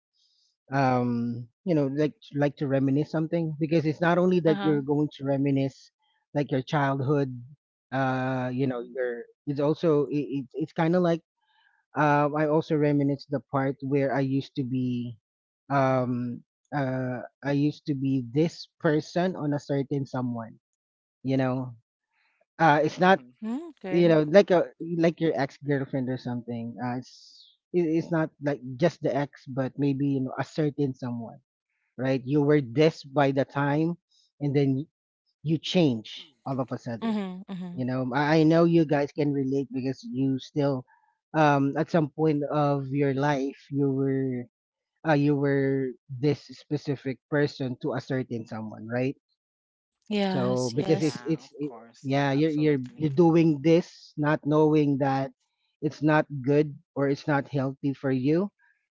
Speaker 3: you know, like to reminisce something, because it's not only that
Speaker 1: Uh-huh.
Speaker 3: you're going to reminisce like your childhood, you know your it's also it's kind of like, I also reminisce the part where I used to be, um I used to be this person on a certain someone, you know. It's
Speaker 2: mm-hmm.
Speaker 3: not,
Speaker 1: Mm,
Speaker 3: you
Speaker 1: okay.
Speaker 3: know, like a, like your ex girlfriend or something. It's it's not like just the ex, but maybe you know a certain someone, right? You were this by the time, and then you change all of a sudden,
Speaker 1: Mm-hmm, mm-hmm.
Speaker 3: you know. I know you guys can relate, because you still, at some point of your life, you were, you were this specific person to a certain someone, right? So
Speaker 1: Yes,
Speaker 3: because
Speaker 1: yes.
Speaker 2: Yeah, of course.
Speaker 3: yeah, you're
Speaker 2: Absolutely.
Speaker 3: you're doing this, not knowing that it's not good or it's not healthy for you,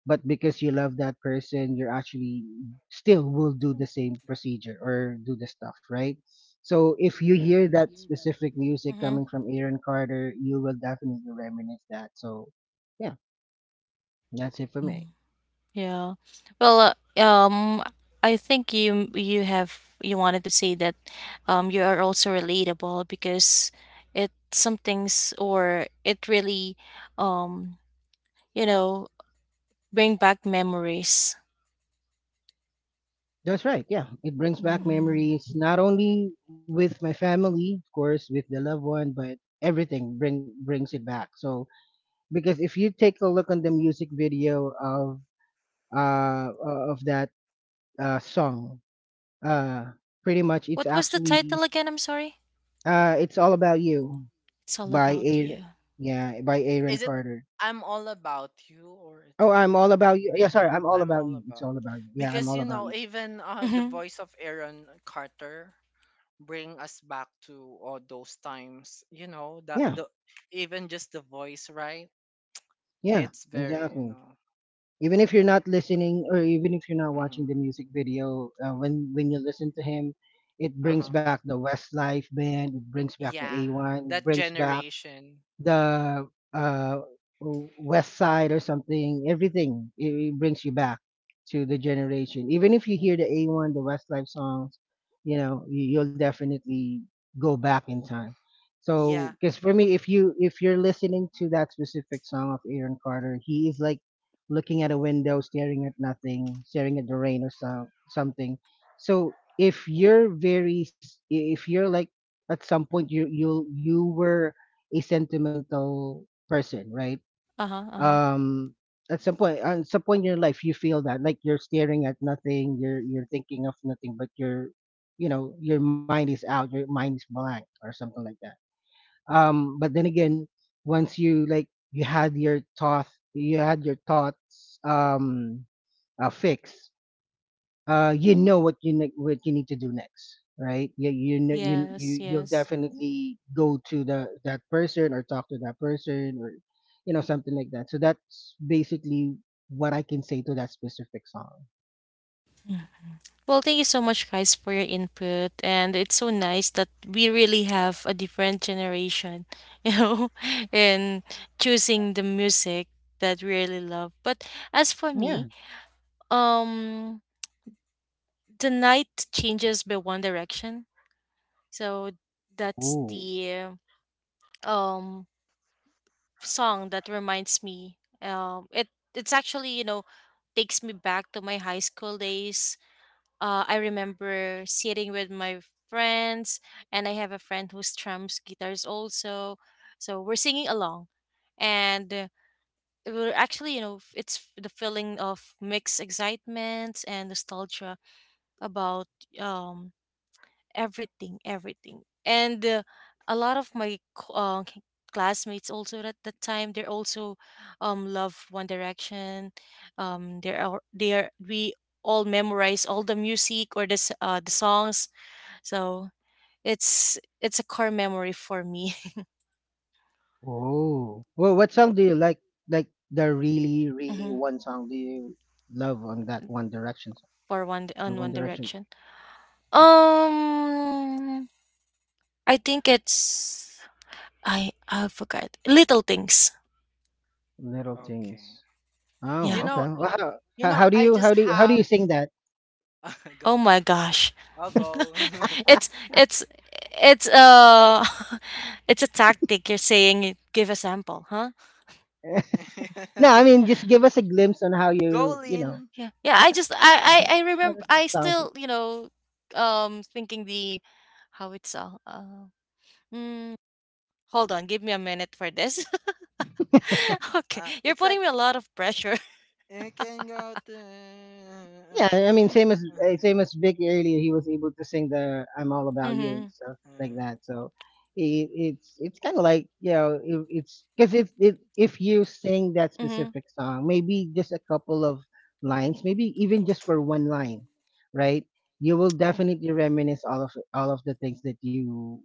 Speaker 3: but because you love that person, you're actually still will do the same procedure or do the stuff, right? So if you hear that specific music
Speaker 1: Mm-hmm.
Speaker 3: coming from Aaron Carter, you will definitely reminisce that. So yeah, that's it for me.
Speaker 1: Yeah. Well, I think you you have you wanted to say that you are also relatable because it some things or it really um you know, bring back memories.
Speaker 3: That's right, yeah, it brings back
Speaker 1: Mhm.
Speaker 3: memories, not only with my family, of course, with the loved one, but everything brings it back. So because if you take a look on the music video of of that song, uh pretty much
Speaker 1: What
Speaker 3: it's
Speaker 1: was the title
Speaker 3: actually
Speaker 1: again? I'm sorry.
Speaker 3: It's All About You
Speaker 1: It's all
Speaker 3: by
Speaker 1: about
Speaker 3: Aaron,
Speaker 1: you.
Speaker 3: yeah, by Aaron
Speaker 2: Is it
Speaker 3: Carter.
Speaker 2: I'm all about you or it's
Speaker 3: Oh,
Speaker 2: all
Speaker 3: I'm All
Speaker 2: about?
Speaker 3: About You, yeah, sorry, I'm All
Speaker 2: I'm
Speaker 3: About
Speaker 2: all
Speaker 3: You, It's All
Speaker 2: about,
Speaker 3: About You, yeah, I'm
Speaker 2: because
Speaker 3: All
Speaker 2: you
Speaker 3: About
Speaker 2: know,
Speaker 3: You.
Speaker 2: even the
Speaker 1: Mm-hmm.
Speaker 2: voice of Aaron Carter bring us back to all those times, you know, that
Speaker 3: Yeah.
Speaker 2: the, even just the voice, right?
Speaker 3: Yeah,
Speaker 2: It's very, you
Speaker 3: exactly.
Speaker 2: know.
Speaker 3: Even if you're not listening, or even if you're not watching
Speaker 2: Hmm.
Speaker 3: the music video, when you listen to him, it brings
Speaker 2: Uh-huh.
Speaker 3: back the Westlife band, it brings back the
Speaker 2: Yeah,
Speaker 3: A1, it
Speaker 2: that
Speaker 3: brings back
Speaker 2: generation.
Speaker 3: the uh, West Side or something. Everything, it brings you back to the generation. Even if you hear the A1, the Westlife songs, you know, you'll definitely go back in time. So
Speaker 2: Yeah,
Speaker 3: because for me, if you if you're listening to that specific song of Aaron Carter, he is like looking at a window, staring at nothing, staring at the rain or so, something. So if you're very if you're like, at some point you were a sentimental person, right?
Speaker 1: Uh huh. Uh huh.
Speaker 3: Um, at some point, at some point in your life, you feel that like you're staring at nothing, you're thinking of nothing, but your, you know, your mind is out, your mind is blank or something like that. But then again, once you, like, you had your thought, you had your thoughts, fixed, you know what you what you need to do next, right? You know you
Speaker 1: Yes.
Speaker 3: you You'll
Speaker 1: Yes.
Speaker 3: definitely go to the that person or talk to that person, or you know something like that. So that's basically what I can say to that specific song.
Speaker 1: Mm. Well, thank you so much, guys, for your input, and it's so nice that we really have a different generation, you know, in choosing the music that we really love. But as for
Speaker 3: Yeah.
Speaker 1: me, um, the night changes by One Direction, so that's
Speaker 3: Oh,
Speaker 1: the um song that reminds me. It it's actually you know takes me back to my high school days. I remember sitting with my friends, and I have a friend who strums guitars also. So we're singing along, and we're actually you know the feeling of mixed excitement and nostalgia about um everything, everything. And a lot of my classmates also at that time they're also love One Direction. They are we all memorize all the music or the the songs. So it's a core memory for me.
Speaker 3: oh. Well, what song do you like? Like, the really really
Speaker 1: Hmm.
Speaker 3: one song do you love on that One Direction song,
Speaker 1: For one on
Speaker 3: or
Speaker 1: One
Speaker 3: One Direction,
Speaker 1: Direction. Um, I think it's I forgot little things.
Speaker 3: Little
Speaker 2: okay.
Speaker 3: Things?
Speaker 1: Yeah.
Speaker 2: you
Speaker 3: Oh, okay.
Speaker 2: know
Speaker 3: Well, how,
Speaker 2: you
Speaker 3: how
Speaker 2: know
Speaker 3: how do
Speaker 2: I
Speaker 3: you
Speaker 2: just
Speaker 3: how do you, how do
Speaker 2: have
Speaker 3: you sing that?
Speaker 1: Oh
Speaker 2: go,
Speaker 1: my gosh.
Speaker 2: I'll go.
Speaker 1: it's it's it's it's a tactic you're saying you give a sample, huh?
Speaker 3: No, I mean just give us a glimpse on how you,
Speaker 2: Go,
Speaker 3: you know,
Speaker 2: Lin.
Speaker 1: Yeah. Yeah, I just I
Speaker 3: how
Speaker 1: remember
Speaker 3: does the
Speaker 1: I
Speaker 3: song.
Speaker 1: still, you know, thinking the how it's all mm, hold on, give me a minute for this. Okay. You're
Speaker 2: It's like
Speaker 1: putting me a lot of pressure.
Speaker 2: you can go to.
Speaker 3: Yeah, I mean same as eh, same
Speaker 2: Yeah,
Speaker 3: as Vic earlier, he was able to sing the "I'm All About You" and
Speaker 1: Mhm.
Speaker 3: stuff like
Speaker 2: uh.
Speaker 3: that. So it's kind of like, you know, it's because if if you sing that
Speaker 1: Mhm.
Speaker 3: specific song, maybe just a couple of lines, maybe even just for one line, right? You will definitely reminisce all of the things that you,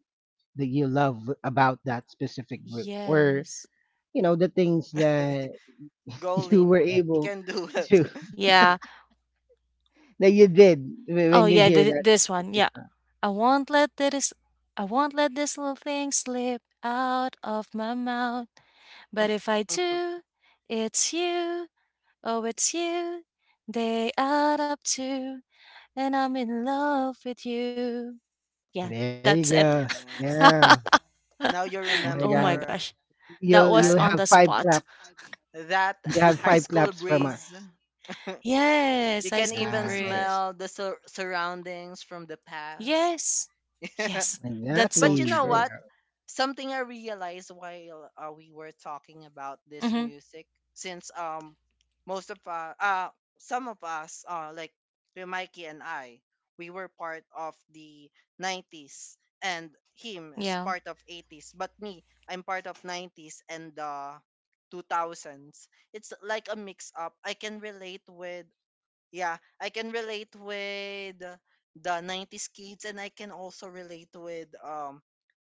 Speaker 3: that you love about that specific group, or
Speaker 1: Yes.
Speaker 3: you know, the things that
Speaker 2: Go,
Speaker 3: you were
Speaker 2: Lin. You
Speaker 3: able
Speaker 2: can do it.
Speaker 3: to,
Speaker 1: Yeah.
Speaker 3: that you did
Speaker 1: Oh
Speaker 3: when you
Speaker 1: yeah,
Speaker 3: hear that
Speaker 1: this one.
Speaker 3: specific
Speaker 1: Yeah.
Speaker 3: song.
Speaker 1: I won't let this I won't let this little thing slip out of my mouth. But if I do, it's you, oh it's you. They add up to and I'm in love with you. Yeah,
Speaker 3: There you
Speaker 1: that's it.
Speaker 3: go.
Speaker 2: Yeah.
Speaker 3: Yeah.
Speaker 2: Now you
Speaker 3: Oh my
Speaker 1: Oh
Speaker 3: God.
Speaker 1: my
Speaker 2: remember
Speaker 1: gosh. That was
Speaker 2: that,
Speaker 3: You'll
Speaker 1: on
Speaker 3: have
Speaker 1: the
Speaker 3: five
Speaker 1: spot.
Speaker 3: claps.
Speaker 2: that
Speaker 3: You have
Speaker 2: high
Speaker 3: five
Speaker 2: school
Speaker 3: claps from
Speaker 2: breeze.
Speaker 3: us.
Speaker 1: Yes,
Speaker 2: You
Speaker 1: high
Speaker 2: can
Speaker 1: school
Speaker 2: even
Speaker 3: Yeah. There,
Speaker 1: breeze.
Speaker 2: smell the surroundings from the past.
Speaker 1: Yes. Yes. That's
Speaker 2: But
Speaker 1: so
Speaker 2: you
Speaker 3: exactly.
Speaker 2: know
Speaker 3: There you
Speaker 1: true.
Speaker 2: what?
Speaker 3: go.
Speaker 2: Something I realized while we were talking about this
Speaker 1: Mm-hmm.
Speaker 2: music, since most of some of us like with Mikey and I, we were part of the '90s, and him is
Speaker 1: Yeah.
Speaker 2: part of '80s. But me, I'm part of '90s and the 2000s. It's like a mix up. I can relate with, yeah, I can relate with the 90s kids, and I can also relate with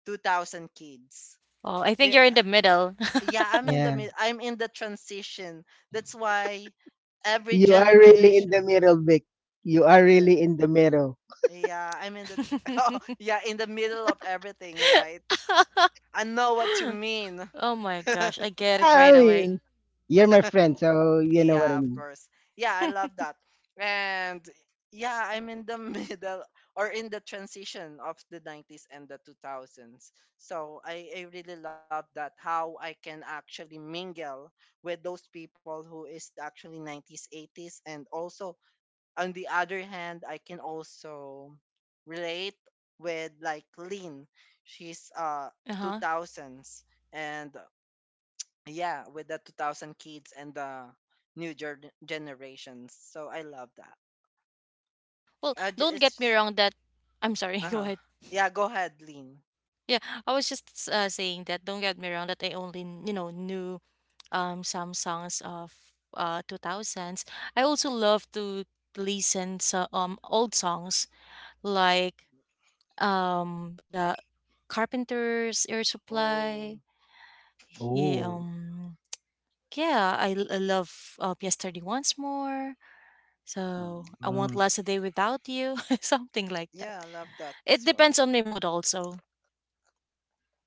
Speaker 2: 2000 kids.
Speaker 1: Oh, I think
Speaker 2: Yeah,
Speaker 1: you're in the middle.
Speaker 2: yeah,
Speaker 3: Yeah.
Speaker 2: I'm in the transition. That's why every
Speaker 3: You are really in the
Speaker 2: generation
Speaker 3: middle, Vic. You are
Speaker 2: or,
Speaker 3: really in the middle.
Speaker 2: yeah, I'm in the oh, yeah, in the middle of everything, right? I know what you mean.
Speaker 1: Oh my gosh, I get it
Speaker 3: I
Speaker 1: right away.
Speaker 3: mean, you're my friend, so you know what
Speaker 2: Yeah,
Speaker 3: I
Speaker 2: of
Speaker 3: mean.
Speaker 2: course. Yeah, I love that. And yeah, I'm in the middle or in the transition of the 90s and the 2000s. So I really love that how I can actually mingle with those people who is actually 90s, 80s. And also, on the other hand, I can also relate with like Lynn. She's
Speaker 1: Uh-huh.
Speaker 2: 2000s. And yeah, with the 2000 kids and the generations. So I love that.
Speaker 1: Well, don't
Speaker 2: It's
Speaker 1: get me
Speaker 2: just,
Speaker 1: wrong that I'm sorry, go
Speaker 2: uh-huh.
Speaker 1: ahead.
Speaker 2: Yeah, go ahead, Lean.
Speaker 1: Yeah, I was just saying that don't get me wrong that I only, you know, knew some songs of 2000s. I also love to listen to old songs like the Carpenters, Air Supply.
Speaker 2: Oh,
Speaker 1: Yeah,
Speaker 3: Oh.
Speaker 1: yeah, I love P.S. Thirty Once More. So I won't last a day without you, something like that.
Speaker 2: yeah, I love that
Speaker 1: It
Speaker 2: as well.
Speaker 1: depends on my mood also.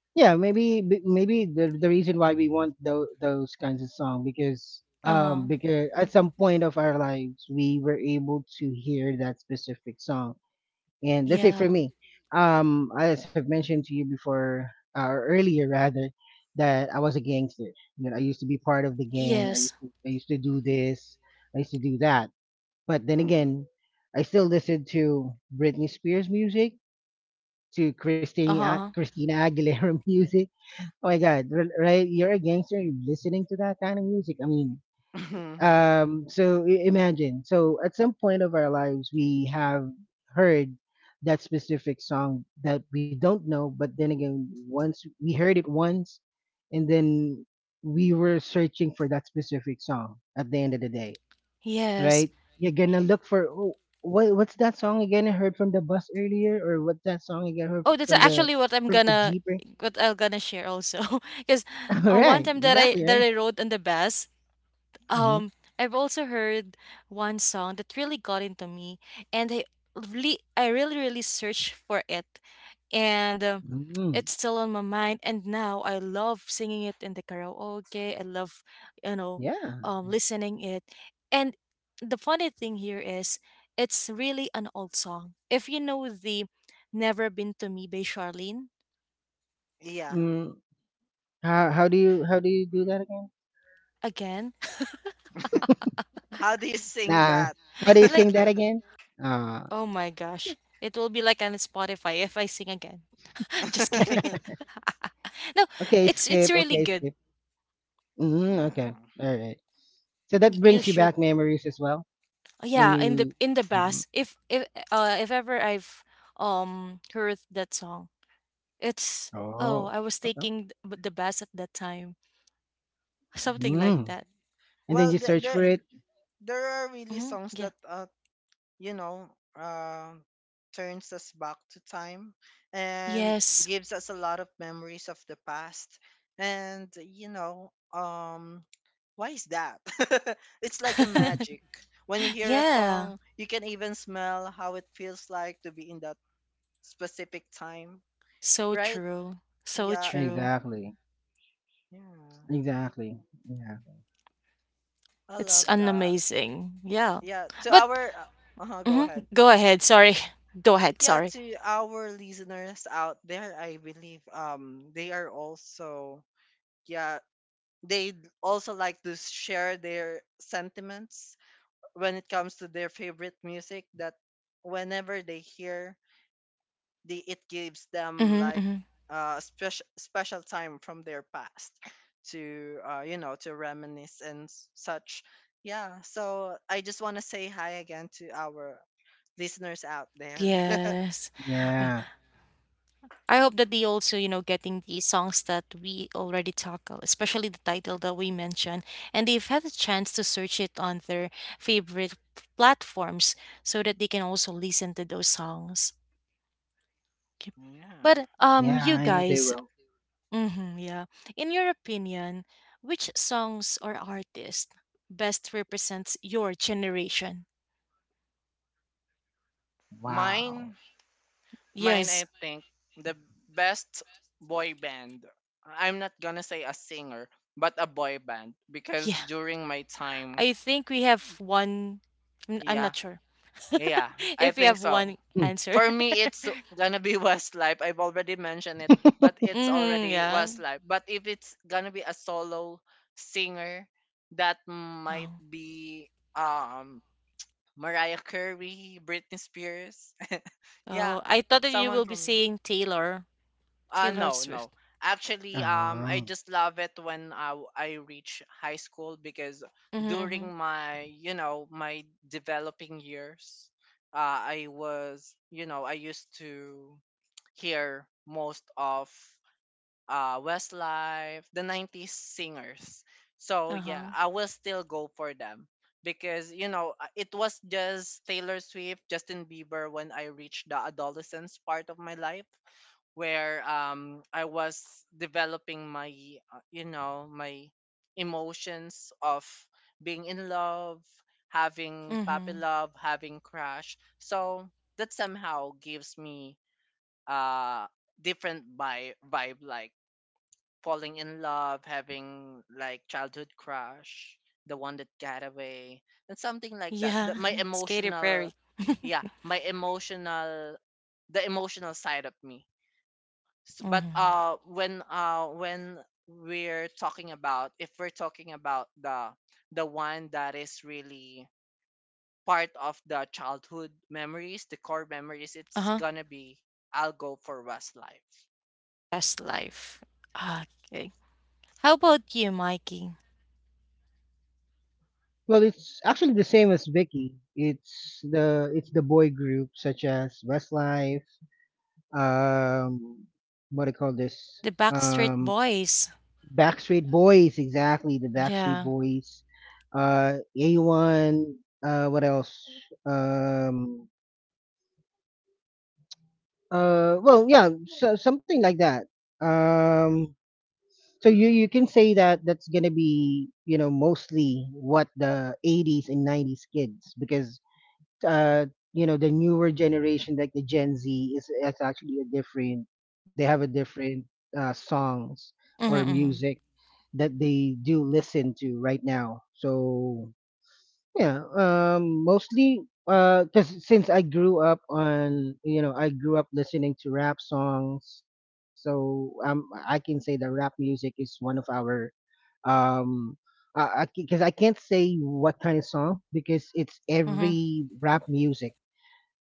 Speaker 3: Yeah, maybe maybe the reason why we want those kinds of song,
Speaker 1: Uh huh.
Speaker 3: because at some point of our lives we were able to hear that specific song. And let's say for
Speaker 1: Yeah.
Speaker 3: me, as I've mentioned to you before, or earlier rather, that I was a gangster. You know, I used to be part of the gang,
Speaker 1: Yes.
Speaker 3: I used to do this, I used to do that. But then
Speaker 2: Mm.
Speaker 3: again, I still listen to Britney Spears music, to
Speaker 1: Uh huh.
Speaker 3: Christina Aguilera music. Oh my God, right? You're a gangster. You're listening to that kind of music. I mean, so imagine. So at some point of our lives, we have heard that specific song that we don't know, but then again, once we heard it once, and then we were searching for that specific song. At the end of the day,
Speaker 1: Yes.
Speaker 3: right? You're gonna look for, oh, what? What's that song again? I heard from the bus earlier, or what's that song again? I heard
Speaker 1: Oh, that's actually
Speaker 3: from the jeep.
Speaker 1: what I'm gonna share also. Because
Speaker 3: All
Speaker 1: one
Speaker 3: right,
Speaker 1: time that
Speaker 3: exactly, right.
Speaker 1: I rode on the bus. Um, I've also heard one song that really got into me, and I really, really searched for it, and
Speaker 3: Mm,
Speaker 1: it's still on my mind. And now I love singing it in the karaoke. I love, you know,
Speaker 3: yeah.
Speaker 1: listening it. And the funny thing here is, it's really an old song. If you know the "Never Been to Me" by Charlene
Speaker 2: Yeah,
Speaker 3: Mm, how how do you do that again?
Speaker 1: again,
Speaker 2: how do you sing
Speaker 3: Nah.
Speaker 2: that?
Speaker 3: How do you sing
Speaker 1: like
Speaker 3: that again? Uh,
Speaker 1: oh my gosh, it will be like on Spotify if I sing again. Just kidding. No,
Speaker 3: okay,
Speaker 1: it's
Speaker 3: skip.
Speaker 1: really
Speaker 3: Okay,
Speaker 1: good.
Speaker 3: skip. Mm, okay.
Speaker 2: Yeah,
Speaker 3: All right. So that
Speaker 1: You
Speaker 3: brings you
Speaker 1: should
Speaker 3: back memories as well when
Speaker 1: yeah,
Speaker 3: you.
Speaker 1: in the
Speaker 3: Mhm.
Speaker 1: bass. If ever I've heard that song, it's oh,
Speaker 3: Oh.
Speaker 1: I was
Speaker 3: Okay.
Speaker 1: taking the bass at that time. Something like
Speaker 3: Mm.
Speaker 1: that.
Speaker 3: And then
Speaker 2: well,
Speaker 3: you search
Speaker 2: there,
Speaker 3: for
Speaker 1: Yeah.
Speaker 3: it.
Speaker 2: there are really
Speaker 1: Hmm.
Speaker 2: songs
Speaker 1: Yeah.
Speaker 2: that you know, uh, turns us back to time and
Speaker 1: Yes.
Speaker 2: gives us a lot of memories of the past. And you know, why is that? It's like a magic. When you hear a
Speaker 1: Yeah.
Speaker 2: song, you can even smell how it feels like to be in that specific time,
Speaker 1: So
Speaker 2: right?
Speaker 1: true. So
Speaker 2: Yeah,
Speaker 1: true.
Speaker 3: Exactly.
Speaker 2: yeah.
Speaker 3: Exactly. Yeah.
Speaker 2: I
Speaker 1: It's
Speaker 2: love
Speaker 1: an
Speaker 2: that.
Speaker 1: amazing. Yeah.
Speaker 2: Yeah, to
Speaker 1: But
Speaker 2: our, uh, uh-huh, go
Speaker 1: mhm,
Speaker 2: ahead.
Speaker 1: go ahead. Sorry. Go ahead.
Speaker 2: Yeah,
Speaker 1: Sorry.
Speaker 2: to our listeners out there, I believe they are also, yeah, they also like to share their sentiments when it comes to their favorite music, that whenever they hear, they, it gives them
Speaker 1: Mm-hmm,
Speaker 2: like
Speaker 1: mm-hmm.
Speaker 2: special, special time from their past to to reminisce and such. Yeah, so I just want to say hi again to our listeners out there.
Speaker 1: Yes. Ah.
Speaker 3: Yeah.
Speaker 1: I hope that they also, you know, getting the songs that we already tackle, especially the title that we mentioned, and they've had a chance to search it on their favorite platforms so that they can also listen to those songs. Okay.
Speaker 2: Yeah.
Speaker 1: But
Speaker 3: Yeah.
Speaker 1: you
Speaker 3: I know they
Speaker 1: guys,
Speaker 3: will.
Speaker 1: hmm yeah, in your opinion, which songs or artists best represents your generation?
Speaker 2: Mine.
Speaker 3: Wow.
Speaker 2: Mine,
Speaker 1: Yes,
Speaker 2: I think, the best boy band. I'm not gonna say a singer, but a boy band
Speaker 1: yeah.
Speaker 2: because during my time,
Speaker 1: I think we have one. I'm
Speaker 2: yeah,
Speaker 1: not sure
Speaker 2: yeah, I
Speaker 1: if we
Speaker 2: think
Speaker 1: have one
Speaker 2: so.
Speaker 1: answer.
Speaker 2: For me, it's gonna be Westlife. I've already mentioned it, but it's
Speaker 1: Mm-hmm,
Speaker 2: already
Speaker 1: yeah.
Speaker 2: Westlife. But if it's gonna be a solo singer, that might
Speaker 1: Oh.
Speaker 2: be um Mariah Carey, Britney Spears, yeah,
Speaker 1: Oh, I thought that you
Speaker 2: someone
Speaker 1: will be
Speaker 2: from the,
Speaker 1: saying Taylor.
Speaker 2: uh,
Speaker 1: Taylor
Speaker 2: no, no.
Speaker 1: Swift.
Speaker 2: Actually, I
Speaker 3: Oh.
Speaker 2: just love it when I reach high school because
Speaker 1: Mm-hmm, mm-hmm.
Speaker 2: during my, you know, my developing years, I was, you know, I used to hear most of Westlife, the 90s singers. So yeah,
Speaker 1: Uh-huh.
Speaker 2: I will still go for them because, you know, it was just Taylor Swift, Justin Bieber when I reached the adolescence part of my life, where I was developing my my emotions of being in love, having puppy
Speaker 1: Mm-hmm.
Speaker 2: love, having crush. So that somehow gives me uh different vibe, vibe like falling in love, having like childhood crush, the one that got away, and something like that. The,
Speaker 1: Yeah,
Speaker 2: my
Speaker 1: it's Katy
Speaker 2: emotional,
Speaker 1: Perry.
Speaker 2: yeah, my emotional, the emotional side of me. But
Speaker 1: Mm-hmm.
Speaker 2: when when we're talking about, if we're talking about the one that is really part of the childhood memories, the core memories, it's
Speaker 1: Uh-huh.
Speaker 2: gonna be, I'll go for Westlife.
Speaker 1: Best life. Okay. How about you, Mikey?
Speaker 3: Well, it's actually the same as Vicky. It's the boy group such as Westlife, um, what do you call this?
Speaker 1: The Backstreet
Speaker 3: Um,
Speaker 1: Boys.
Speaker 3: Backstreet Boys, exactly, the Backstreet
Speaker 1: Yeah.
Speaker 3: Boys, A1, what else? Um, well, yeah, so, something like that. Um, so you can say that that's gonna be, you know, mostly what the 80s and 90s kids, because uh, you know, the newer generation like the gen z is actually a different, they have a different songs
Speaker 1: Mm-hmm,
Speaker 3: or
Speaker 1: mm-hmm.
Speaker 3: music that they do listen to right now. So yeah, mostly, because since I grew up on, you know, I grew up listening to rap songs, so I can say that rap music is one of our, um because I can't say what kind of song, because it's
Speaker 1: Mm-hmm,
Speaker 3: every rap music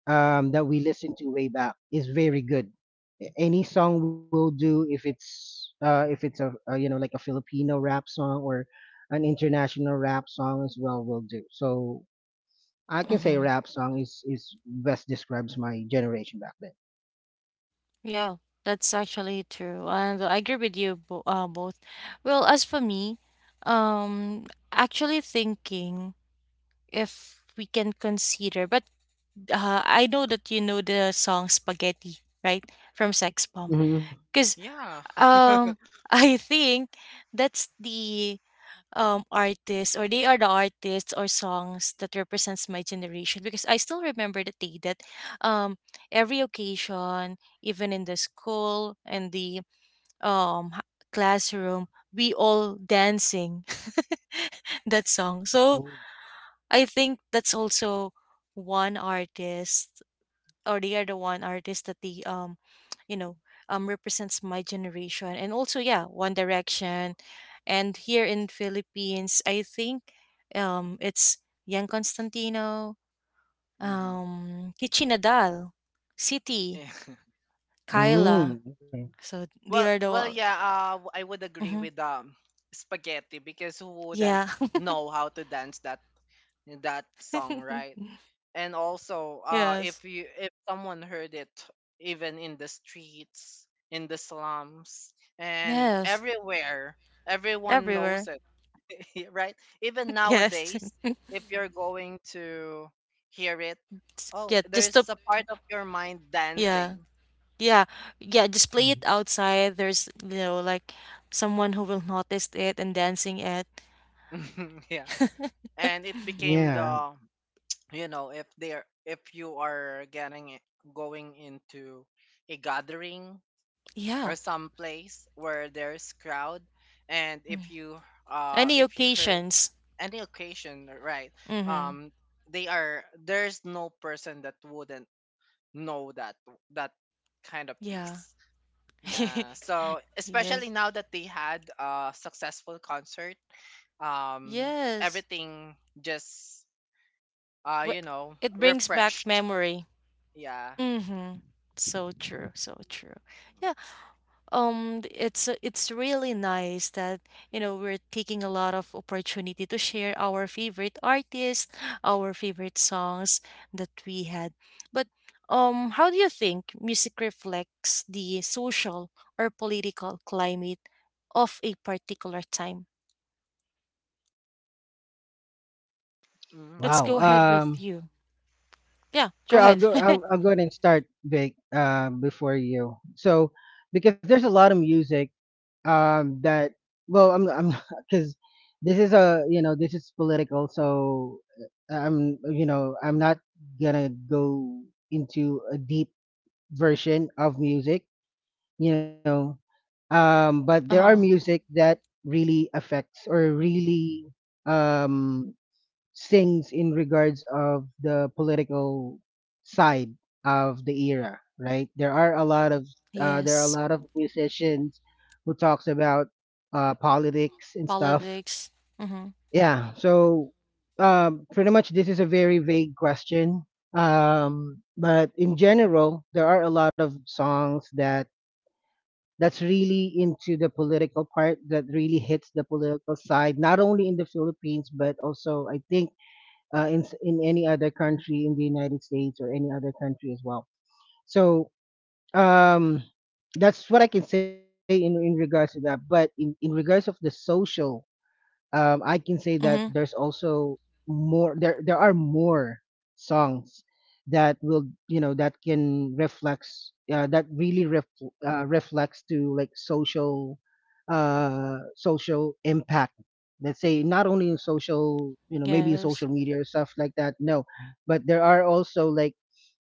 Speaker 3: that we listened to way back is very good. Any song will do, if it's a you know, like a Filipino rap song or an international rap song as well, will do. So I can say
Speaker 1: mm-hmm.
Speaker 3: rap song is best describes my generation back then.
Speaker 1: Yeah, that's actually true. And I agree with you bo both. Well, as for me, um, actually thinking if we can consider, but I know that you know the song Spaghetti, right? From Sex Bomb.
Speaker 3: Hmm.
Speaker 1: Because
Speaker 2: Yeah.
Speaker 1: um, I think that's the artist or they are the artists or songs that represents my generation because I still remember the day that um every occasion even in the school and the um h- classroom we all dancing that song. So I think that's also one artist or they are the one artist that the you know represents my generation. And also yeah, One Direction. And here in Philippines I think it's Yan Constantino,
Speaker 2: Mm-hmm.
Speaker 1: Kichinadal, City,
Speaker 2: Yeah.
Speaker 3: Mm,
Speaker 1: Kyla.
Speaker 3: okay.
Speaker 1: So they
Speaker 2: Well,
Speaker 1: are
Speaker 2: well,
Speaker 1: the.
Speaker 2: yeah, I would agree
Speaker 1: Mm.
Speaker 2: with spaghetti, because who wouldn't
Speaker 1: Yeah.
Speaker 2: know how to dance that, that song, right? And also, uh
Speaker 1: Yes.
Speaker 2: if you if someone heard it, even in the streets, in the slums, and
Speaker 1: Yes,
Speaker 2: everywhere, everyone knows
Speaker 1: everywhere.
Speaker 2: it. Right, even
Speaker 1: Yes.
Speaker 2: nowadays, if you're going to hear it, oh,
Speaker 1: Yeah, just
Speaker 2: there's
Speaker 1: to,
Speaker 2: a part of your mind
Speaker 1: yeah.
Speaker 2: dancing.
Speaker 1: Yeah. Yeah, just play
Speaker 3: Mhm.
Speaker 1: it outside. There's, you know, like someone who will notice it and dancing it.
Speaker 2: Yeah, and it became
Speaker 3: Yeah.
Speaker 2: the, you know, if they're, if you are going into a gathering or
Speaker 1: Yeah.
Speaker 2: some place where there's crowd, and if
Speaker 1: Mm.
Speaker 2: you uh
Speaker 1: Any
Speaker 2: if you heard
Speaker 1: occasions.
Speaker 2: any occasion, right?
Speaker 1: Mm-hmm.
Speaker 2: um they are, there's no person that wouldn't know that, that kind of
Speaker 1: Yeah.
Speaker 2: piece. Yeah, so especially
Speaker 1: Yes.
Speaker 2: now that they had a successful concert, um
Speaker 1: Yes.
Speaker 2: everything just
Speaker 1: Wh-
Speaker 2: you know,
Speaker 1: It brings back
Speaker 2: refreshed.
Speaker 1: memory.
Speaker 2: Yeah.
Speaker 1: Mm-hmm. So true, so true. Yeah. It's really nice that, you know, we're taking a lot of opportunity to share our favorite artists, our favorite songs that we had. But how do you think music reflects the social or political climate of a particular time?
Speaker 2: Mhm.
Speaker 1: Let's
Speaker 3: Wow.
Speaker 1: go ahead with you. Yeah, go
Speaker 3: Sure. I'll
Speaker 1: ahead.
Speaker 3: go. I'll go ahead and start, Vic. Before you. So, because there's a lot of music. That. Well, I'm. I'm. Because this is a. You know, this is political. So, I'm. You know, I'm not gonna go into a deep version of music. You know, but there are
Speaker 1: Uh-huh.
Speaker 3: music that really affects, or really um things in regards of the political side of the era. Right, there are a lot of there are a
Speaker 1: Yes.
Speaker 3: lot of musicians who talks about politics and stuff.
Speaker 1: Politics. Mm-hmm.
Speaker 3: Yeah, so pretty much this is a very vague question, but in general there are a lot of songs that that's really into the political part, that really hits the political side, not only in the philippines, but also I think in any other country, in the United States or any other country as well. So um, that's what I can say in regards to that. But in regards of the social, I can say that there's
Speaker 1: Mm-hmm.
Speaker 3: also more, there are more songs that will, you know, that can reflects reflects to like social social impact. Let's say not only in social, you know, maybe in
Speaker 1: Yes.
Speaker 3: social media or stuff like that, no, but there are also like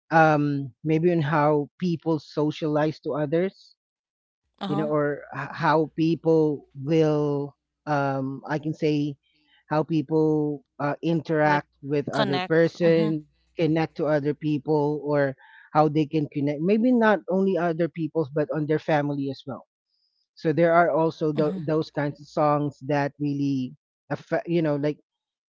Speaker 3: maybe in how people socialize to others, you know,
Speaker 1: Uh-huh.
Speaker 3: or how people will, I can say, how people
Speaker 1: Like
Speaker 3: interact with other
Speaker 1: connect. Mm-hmm.
Speaker 3: person, connect to other people, or how they can connect. Maybe not only other people's, but on their family as well. So there are also
Speaker 1: Mm-hmm.
Speaker 3: those kinds of songs that really affect, you know, like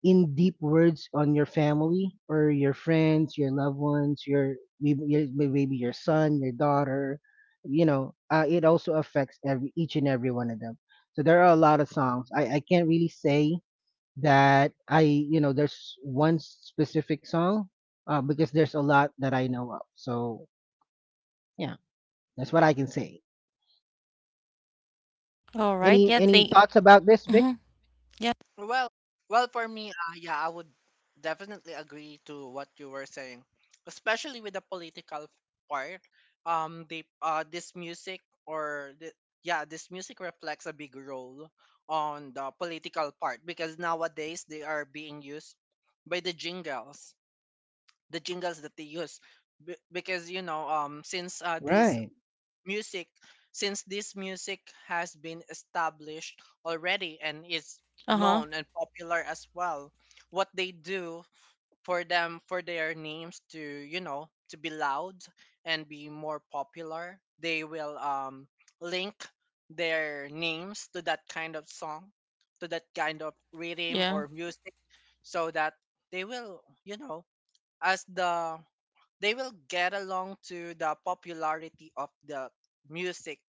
Speaker 3: in deep words on your family or your friends, your loved ones, your maybe your, maybe your son, your daughter. You know, it also affects every each and every one of them. So there are a lot of songs. I can't really say that I, you know, there's one specific song, because there's a lot that I know of. So yeah, that's what I can say.
Speaker 1: All right. Yeah,
Speaker 3: Any thoughts
Speaker 1: they.
Speaker 3: about this, Vic?
Speaker 1: Mhm. Yeah.
Speaker 2: Well, well, for me, yeah, I would definitely agree to what you were saying, especially with the political part. They this music or the, yeah, this music reflects a big role on the political part because nowadays they are being used by the jingles that they use. Because you know, since these
Speaker 3: Right.
Speaker 2: music, since this music has been established already and is
Speaker 1: Uh huh.
Speaker 2: known and popular as well, what they do, for them, for their names to, you know, to be loud and be more popular, they will link their names to that kind of song, to that kind of rhythm
Speaker 1: Yeah.
Speaker 2: or music, so that they will, you know, as the, they will get along to the popularity of the music.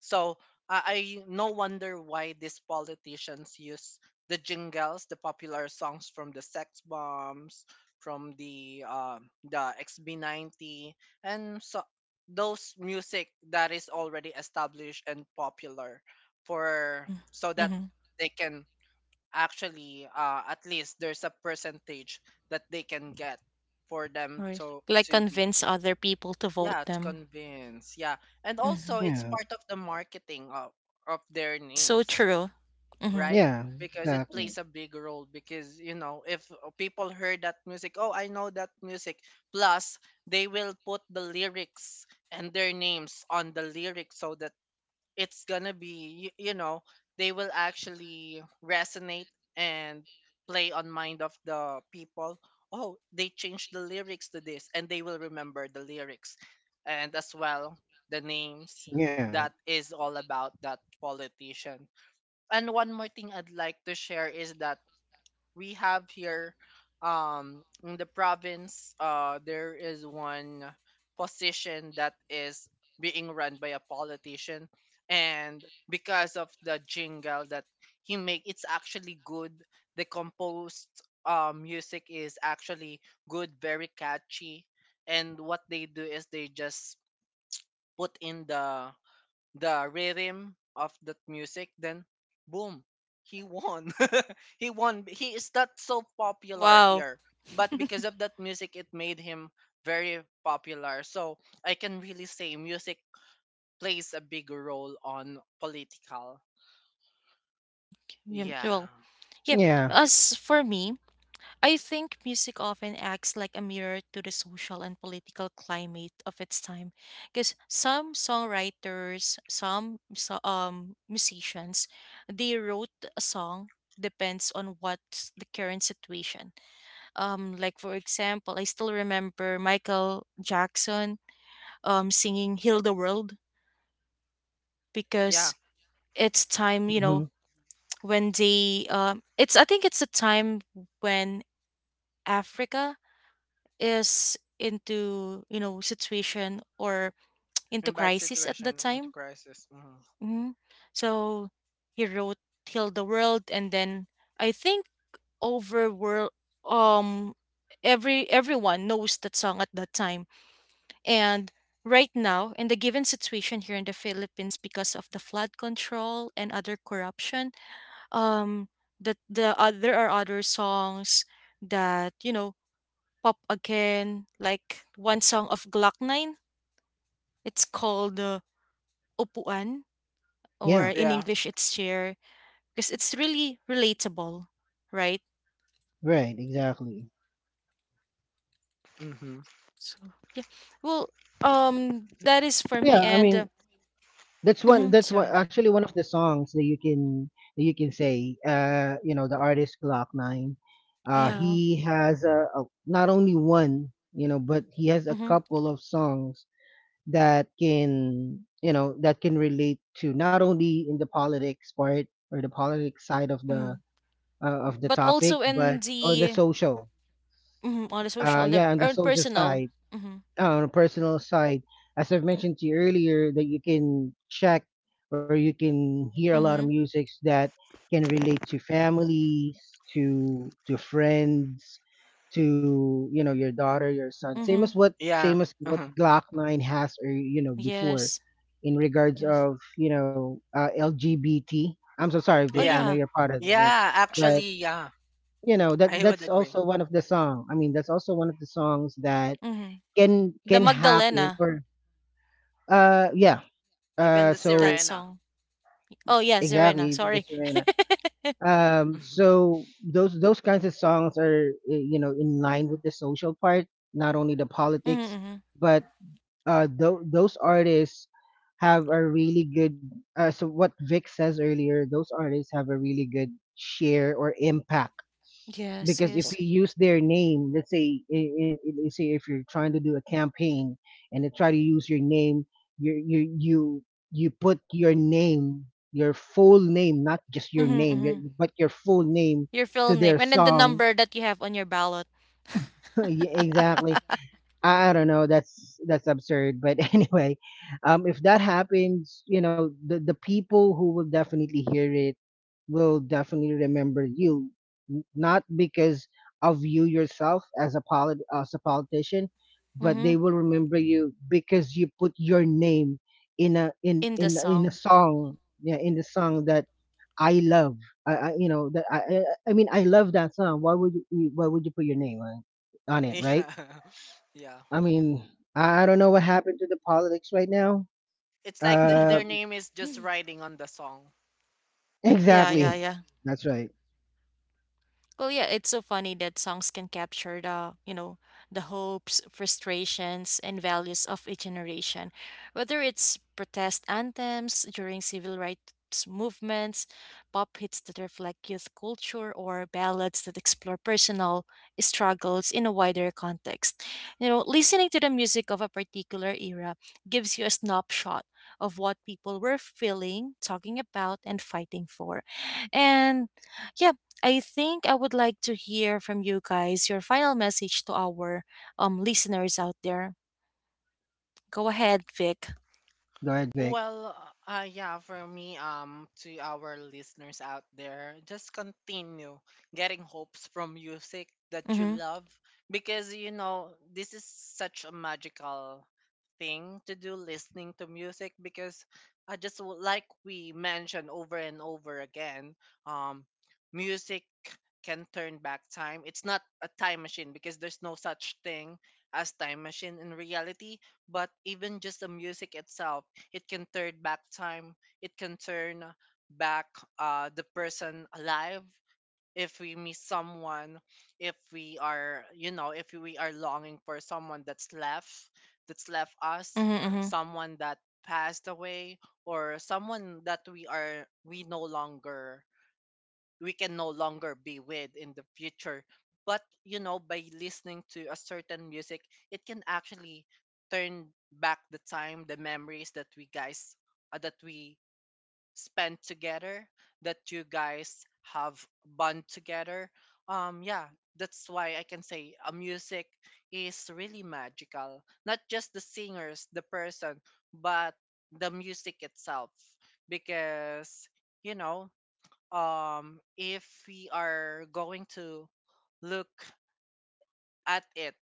Speaker 2: So I no wonder why these politicians use the jingles, the popular songs, from the Sex Bombs, from the the XB90, and so those music that is already established and popular, for, so that
Speaker 1: Mm-hmm.
Speaker 2: they can actually at least there's a percentage that they can get, for them
Speaker 1: Right. Like
Speaker 2: to be,
Speaker 1: convince other people to vote
Speaker 2: yeah, to
Speaker 1: them.
Speaker 2: convince, yeah. And
Speaker 1: Mm-hmm.
Speaker 2: also it's
Speaker 3: Yeah,
Speaker 2: part of the marketing of their
Speaker 1: So
Speaker 2: names,
Speaker 1: true. Mm-hmm.
Speaker 2: right?
Speaker 3: yeah,
Speaker 2: Because it
Speaker 3: exactly.
Speaker 2: plays a big role, because you know, if people heard that music, oh, I know that music, plus they will put the lyrics and their names on the lyrics so that it's gonna be, you know, they will actually resonate and play on mind of the people, oh, they changed the lyrics to this, and they will remember the lyrics, and as well the names,
Speaker 3: Yeah,
Speaker 2: that is all about that politician. And one more thing I'd like to share is that we have here, in the province, there is one position that is being run by a politician, and because of the jingle that he make, it's actually good. The composed music is actually good, very catchy. And what they do is they just put in the rhythm of that music, then boom, he won. He won. He is not so popular
Speaker 1: Wow.
Speaker 2: here, but because of that music, it made him very popular. So I can really say music plays a big role on political.
Speaker 1: Yeah,
Speaker 2: Yeah,
Speaker 1: well, yeah.
Speaker 3: yeah,
Speaker 1: As for me, I think music often acts like a mirror to the social and political climate of its time, because some songwriters, some musicians, they wrote a song depends on what's the current situation. Like for example, I still remember Michael Jackson singing "Heal the World"
Speaker 2: yeah,
Speaker 1: because it's time, you
Speaker 3: hmm
Speaker 1: know, when they it's I think it's a time when Africa is into, you know, situation or
Speaker 2: in
Speaker 1: into
Speaker 2: bad
Speaker 1: crisis at that
Speaker 2: situation, into
Speaker 1: time.
Speaker 2: crisis. Mhm.
Speaker 1: Hmm. So he wrote "Heal the World" and then I think over world um every everyone knows that song at that time. And right now, in the given situation here in the Philippines, because of the flood control and other corruption, um, the there are other songs that you know pop again. Like one song of Glock Nine, it's called "Upuan," or
Speaker 3: yeah.
Speaker 1: in
Speaker 2: Yeah,
Speaker 1: English, it's "Chair," because it's really relatable, right?
Speaker 3: Right, exactly.
Speaker 2: hmm.
Speaker 1: So yeah, well, that is for me.
Speaker 3: Yeah, I
Speaker 1: And
Speaker 3: mean, that's one. That's what
Speaker 1: sorry,
Speaker 3: actually one of the songs that you can say. You know, the artist Glock Nine.
Speaker 1: yeah.
Speaker 3: He has a not only one, you know, but he has a
Speaker 1: Mm-hmm.
Speaker 3: couple of songs that can, you know, that can relate to not only in the politics part or the politics side
Speaker 1: Mm-hmm.
Speaker 3: of the
Speaker 1: But also
Speaker 3: topic,
Speaker 1: in
Speaker 3: but on the
Speaker 1: the
Speaker 3: social.
Speaker 1: mhm, on the social on the
Speaker 3: Yeah, on the
Speaker 1: and
Speaker 3: social
Speaker 1: personal.
Speaker 3: side,
Speaker 1: Mm-hmm.
Speaker 3: on a personal side, as I've mentioned to you earlier, that you can check or you can hear a lot of
Speaker 1: Mm-hmm.
Speaker 3: musics that can relate to families, to friends, to, you know, your daughter, your son,
Speaker 1: Mm-hmm.
Speaker 2: Yeah,
Speaker 3: same as what
Speaker 2: hmm.
Speaker 3: glock 9 has, or you know before,
Speaker 1: Yes.
Speaker 3: in regards
Speaker 1: Yes.
Speaker 3: of, you know, lgbt, I'm so sorry
Speaker 1: Oh
Speaker 3: vic, I
Speaker 2: Yeah,
Speaker 3: know
Speaker 1: yeah.
Speaker 3: you're part of it,
Speaker 2: yeah.
Speaker 3: but
Speaker 2: Actually, yeah,
Speaker 3: you know that
Speaker 2: I would
Speaker 3: that's
Speaker 2: agree.
Speaker 3: also one of the songs that
Speaker 1: Mm-hmm. The
Speaker 3: can
Speaker 1: Magdalena
Speaker 3: happen, or uh yeah
Speaker 2: Even the
Speaker 3: so
Speaker 1: that
Speaker 2: Sirena.
Speaker 1: song. Oh yeah,
Speaker 3: exactly
Speaker 1: Serena.
Speaker 3: with the
Speaker 1: Sorry.
Speaker 3: Serena. So those kinds of songs are you know, in line with the social part, not only the politics,
Speaker 1: Mm-hmm.
Speaker 3: but those artists have a really good, so what Vic says earlier, those artists have a really good share or impact,
Speaker 1: Yes.
Speaker 3: because if
Speaker 1: Yes.
Speaker 3: you use their name, let's say in, let's say, if you're trying to do a campaign and they try to use your name, you you put your name, your full name, not just your
Speaker 1: Mm-hmm,
Speaker 3: name, your,
Speaker 1: mm-hmm.
Speaker 3: but your full name
Speaker 1: Your full
Speaker 3: to their
Speaker 1: name and then the
Speaker 3: song.
Speaker 1: number that you have on your ballot.
Speaker 3: Yeah, exactly. I don't know. That's absurd. But anyway, if that happens, you know, the people who will definitely hear it will definitely remember you, not because of you yourself as a politician, but
Speaker 1: Mm-hmm.
Speaker 3: they will remember you because you put your name in
Speaker 1: In the
Speaker 3: a
Speaker 1: song.
Speaker 3: song, yeah, in the song that I love. I you know that I love that song. Why would you put your name on it, right?
Speaker 2: Yeah, yeah.
Speaker 3: I mean, I don't know what happened to the politics right now.
Speaker 2: It's like the,
Speaker 3: Uh,
Speaker 2: their name is just riding on the song.
Speaker 1: Yeah. Yeah.
Speaker 3: exactly.
Speaker 1: Yeah.
Speaker 3: That's right.
Speaker 1: Well, yeah, it's so funny that songs can capture the, you know, the hopes, frustrations, and values of a generation. Whether it's protest anthems during civil rights movements, pop hits that reflect youth culture, or ballads that explore personal struggles in a wider context. You know, listening to the music of a particular era gives you a snapshot of what people were feeling, talking about, and fighting for. And yeah, I think I would like to hear from you guys your final message to our listeners out there. Go ahead, Vic.
Speaker 3: Go ahead, Vic.
Speaker 2: Well, yeah, for me, to our listeners out there, just continue getting hopes from music that you
Speaker 1: Mhm.
Speaker 2: love, because you know, this is such a magical thing to do, listening to music, because like we mentioned over and over again, um, music can turn back time. It's not a time machine because there's no such thing as time machine in reality, but even just the music itself, it can turn back time. It can turn back the person alive. If we miss someone, if we are, you know, if we are longing for someone that's left
Speaker 1: Mhm.
Speaker 2: us,
Speaker 1: Mhm.
Speaker 2: someone that passed away, or someone that we are, we no longer, we can no longer be with in the future. But you know, by listening to a certain music, it can actually turn back the time, the memories that we guys, that we spent together, that you guys have bond together. Yeah, that's why I can say a music is really magical. Not just the singers, the person, but the music itself, because you know, if we are going to look at it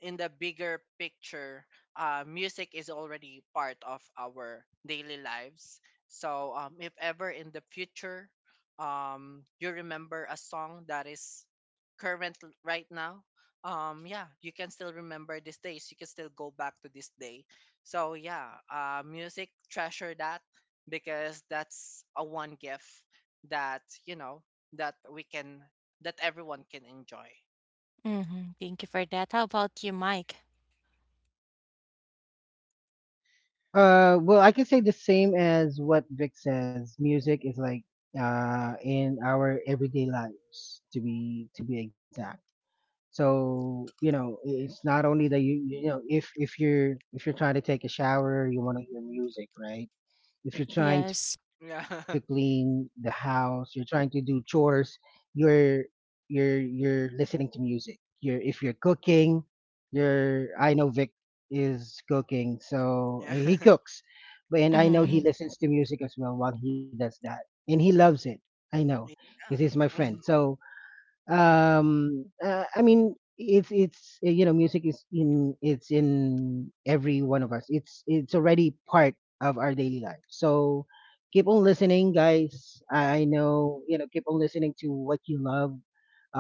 Speaker 2: in the bigger picture, music is already part of our daily lives. So, if ever in the future, you remember a song that is right now, yeah, you can still remember these days. You can still go back to this day. So yeah, music, treasure that, because that's a one gift that, you know, that we can, that everyone can enjoy.
Speaker 1: Mhm. Thank you for that. How about you, Mike?
Speaker 3: Well, I can say the same as what Vic says. Music is like in our everyday lives, to be exact. So you know, it's not only that you know, if you're trying to take a shower, you want to hear music, right? If you're trying to
Speaker 1: Yes.
Speaker 3: clean
Speaker 2: Yeah.
Speaker 3: the house, you're trying to do chores, you're you're listening to music. You're if you're cooking, you're, I know Vic is cooking, so
Speaker 2: Yeah.
Speaker 3: he cooks, but and I know
Speaker 1: Mhm.
Speaker 3: he listens to music as well while he does that, and he loves it. I know, because
Speaker 2: Yeah.
Speaker 3: he's my friend. So I mean it's you know, music is in, it's in every one of us, it's already part of our daily life. So keep on listening guys, I know, you know, keep on listening to what you love,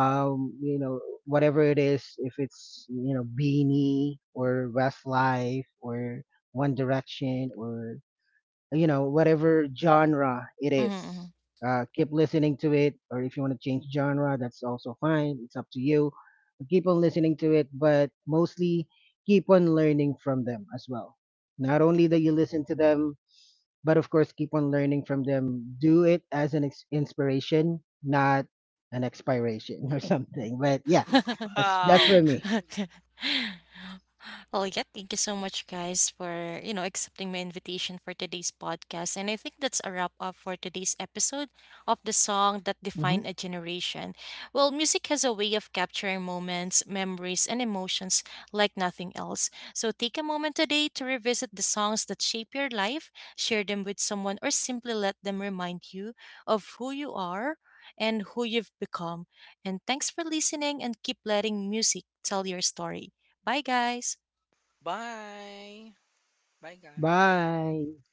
Speaker 3: you know, whatever it is, if it's, you know, beanie or westlife or one direction or, you know, whatever genre it
Speaker 1: Mhm.
Speaker 3: is,
Speaker 1: Mhm.
Speaker 3: keep listening to it, or if you want to change genre, that's also fine, it's up to you. Keep on listening to it, but mostly keep on learning from them as well. Not only that you listen to them, but of course keep on learning from them. Do it as an inspiration, not an expiration or something, but yeah,
Speaker 1: Mhm.
Speaker 3: that's
Speaker 2: Wow.
Speaker 3: for me.
Speaker 1: Okay. Well, yeah, thank you so much, guys, for you know accepting my invitation for today's podcast. And I think that's a wrap up for today's episode of the song that
Speaker 3: Hmm.
Speaker 1: defined a generation. Well, music has a way of capturing moments, memories, and emotions like nothing else. So take a moment today to revisit the songs that shape your life, share them with someone, or simply let them remind you of who you are and who you've become. And thanks for listening and keep letting music tell your story. Bye, guys.
Speaker 2: Bye. Bye, guys.
Speaker 3: Bye.